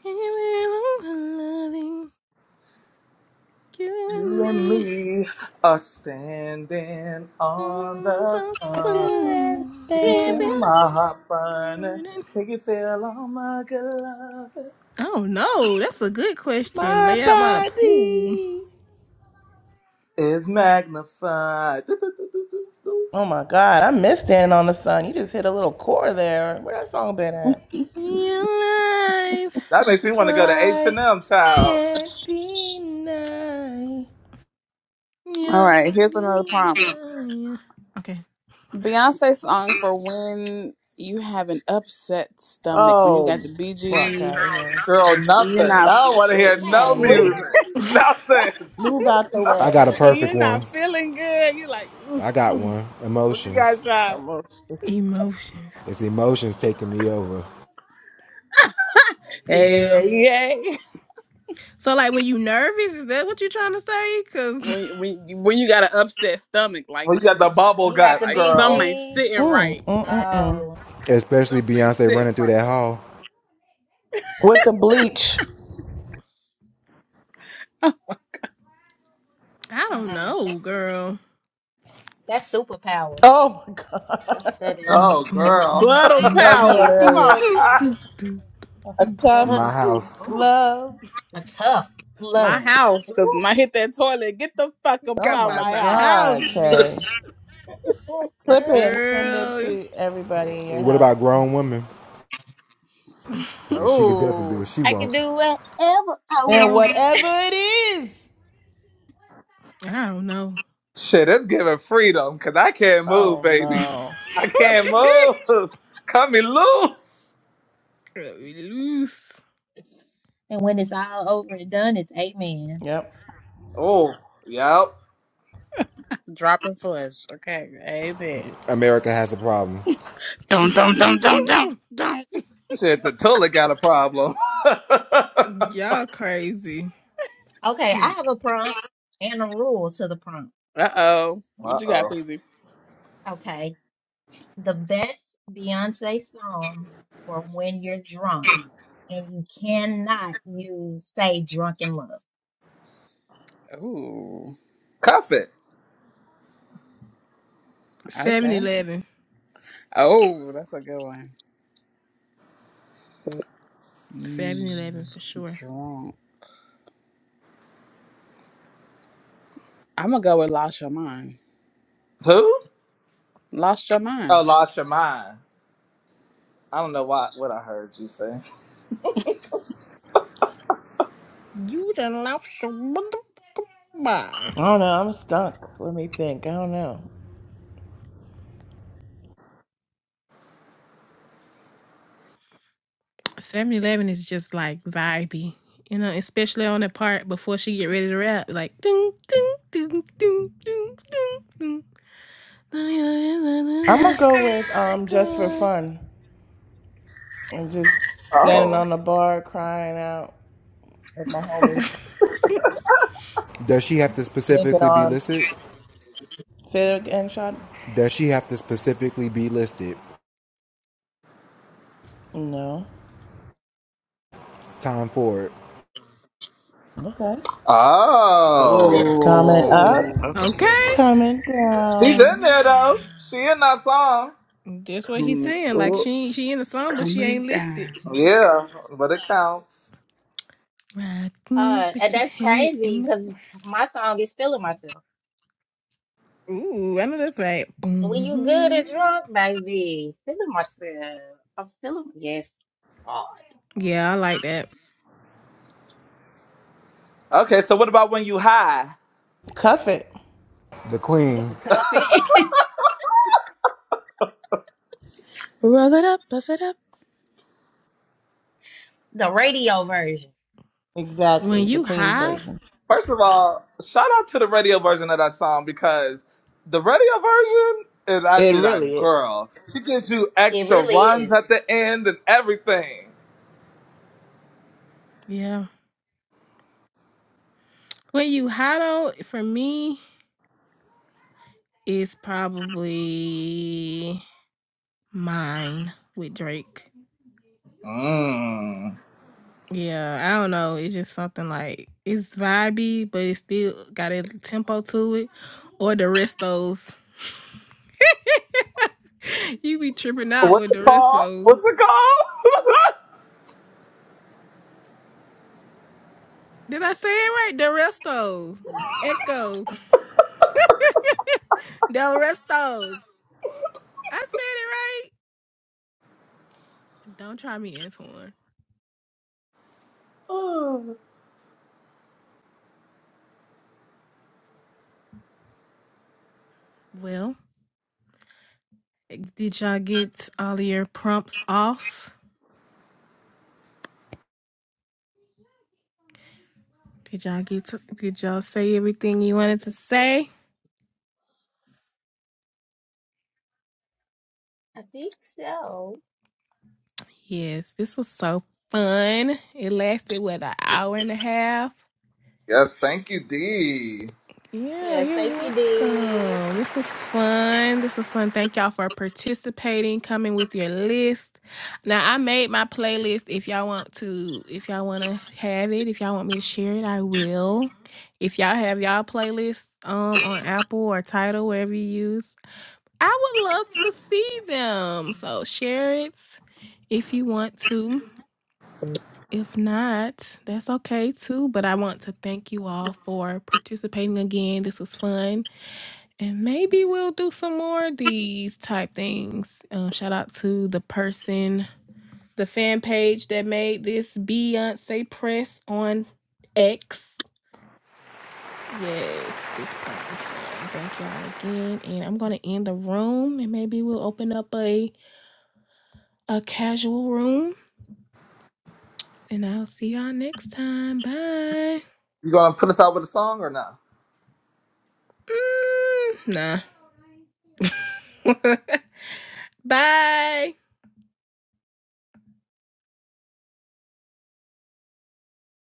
Give it all my loving. You and
You and
me.
me are standing on
Oh,
the
the
I
sun.
feel
sun.
Can you
Give it
everything.
feel
all my
my heart burning?
burning.
Can you feel all my good love
I don't know. That's a good question.
My
Lay out by the pool.
body.
is magnified? Do, do, do, do, do, do.
Oh my God, I miss standing on the sun. You just hit a little core there. Where that song been at?
Be alive.
That makes me want to go to H
I
and M, child.
can't deny.
All
Yeah.
right, here's another prompt.
Okay.
Beyonce song for when you have an upset stomach, when you
Oh,
got the
fuck out
BG,
of here.
Girl,
when you're
nothing.
not,
I don't want to hear no music.
Okay.
Nothing.
Move out the
Nothing.
I
way.
got a
when
perfect
you're not
one.
feeling good, you're like, ooh,
I got
ooh,
one.
what you got,
Emotions.
shot?
Almost.
Emotions.
It's emotions taking me over,
Hey,
Yeah.
hey, hey.
So like when you nervous, is that what you trying to say? Cause
When when when you got an upset stomach, like
Well, you got
you,
the bubble
You got the
guts,
like some
girl.
ain't
BG.
sitting right,
Mm, mm, mm, mm.
Oh,
especially
some ain't
Beyonce
sitting
running through
right.
that hall.
With the bleach.
I don't
mm-mm.
know,
That's
girl.
that's superpower.
Oh my
That's
god.
what that is.
Boom,
Oh,
A
boom,
girl.
boom,
subtle
boom,
That's
do,
power, come
do,
hilarious.
on,
do,
P.
do, do,
A
do,
A
tough
do,
sub-
My
do,
house.
do.
Ooh,
love.
a tough
my
love.
house, cause
Ooh,
when I hit that toilet, get the fuck up
Oh
Got
out
by
my
my
my
house.
house,
god, Kay.
bitch.
mm,
Clip
mm.
it and send it
Girl.
to everybody in your
What about
house.
grown women?
I
She could definitely
Oh.
do what she
I can
won't.
do whatever I
And
want.
whatever it is.
don't know.
Shit, it's giving freedom because I can't move,
Oh
baby.
no.
I can't move. Cut me loose.
Cut me loose.
And when it's all over and done, it's amen.
Yep.
Oh, yep.
Dropping flesh. Okay. Amen.
America has a problem.
Dum dum dum dum dum dum.
Shit, the tulip got a problem.
Y'all crazy.
Okay, I have a prompt and a rule to the prompt.
Uh oh.
Uh
What you got,
oh.
Peasy?
Okay. The best Beyonce song for when you're drunk, and you cannot use say drunken love.
Ooh.
Cuff it.
Seven
Okay.
Eleven.
Oh, that's a good one.
7
Mm,
Eleven for sure.
drunk. I'm gonna go with lost your mind.
Who?
Lost your mind.
Oh, lost your mind. I don't know why, what I heard you say.
You done lost your mother.
I don't know. I'm stuck. Let me think. I don't know.
7 Eleven is just like vibey, you know, especially on the part before she get ready to rap, like ding ding ding ding ding ding
I'm
ding.
gonna go with um just for fun. and just standing
Oh.
on the bar crying out with my homies,
Does she have to
linking
specifically be
arms.
listed?
Say that again, shot.
Does she have to specifically be listed?
No.
Time for it.
Okay.
Oh.
Coming
Oh,
up,
that's a
Oh,
good one.
Okay.
coming
She's
down.
in
Coming
there
down.
though. She in that song.
That's what he's
Coming
saying. Like
up,
she she in the song, but she
coming
ain't listed.
down.
Yeah, but it counts.
Rockin',
uh, and
put your
that's
head
crazy
in my
because my song is feeling myself.
Ooh, I know that's right.
When you good and
Boom.
drunk, baby, feeling myself. I'm feeling yes, God,
Yeah, I like that.
Okay, so what about when you high?
Cuff it.
the queen,
cuff it.
Roll it up, puff it up.
the radio version.
When
Exactly, the
you
clean
high,
version.
First of all, shout out to the radio version of that song because the radio version is
It
actually that
really is.
girl. She gives you
It
extra
really
runs
is.
at the end and everything.
yeah. When you high though, for me, it's probably mine with Drake.
Mm.
Yeah, I don't know. It's just something like it's vibey, but it still got a tempo to it. Or the restos. you be tripping out
What's
with the
it called?
restos.
What's it
Did I say it right? The restos. Echoes. Del restos. I said it right. Don't try me, Antoine.
called?
Well, did y'all get all of your prompts off? Did y'all get to, did y'all say everything you
I
wanted to
think so.
say?
I think so.
Yes, this was so fun. It lasted what an hour and a half.
yes, thank you, D.
Yeah,
Yes,
you're
thank you, D.
welcome. This was fun. This was fun. Thank y'all for participating, coming with your list. Now I made my playlist. If y'all want to, if y'all want to have it, if y'all want me to share it, I will. If y'all have y'all playlists um on Apple or Title, wherever you use, I would love to see them. So share it if you want to. If not, that's okay too. But I want to thank you all for participating again. This was fun. And maybe we'll do some more of these type things. Um, shout out to the person, the fan page that made this Beyonce press on X. Yes, this prompt was fun. Thank y'all again. And I'm gonna end the room and maybe we'll open up a a casual room. And I'll see y'all next time. Bye.
You gonna put us out with a song or not?
Mm, nah. Bye.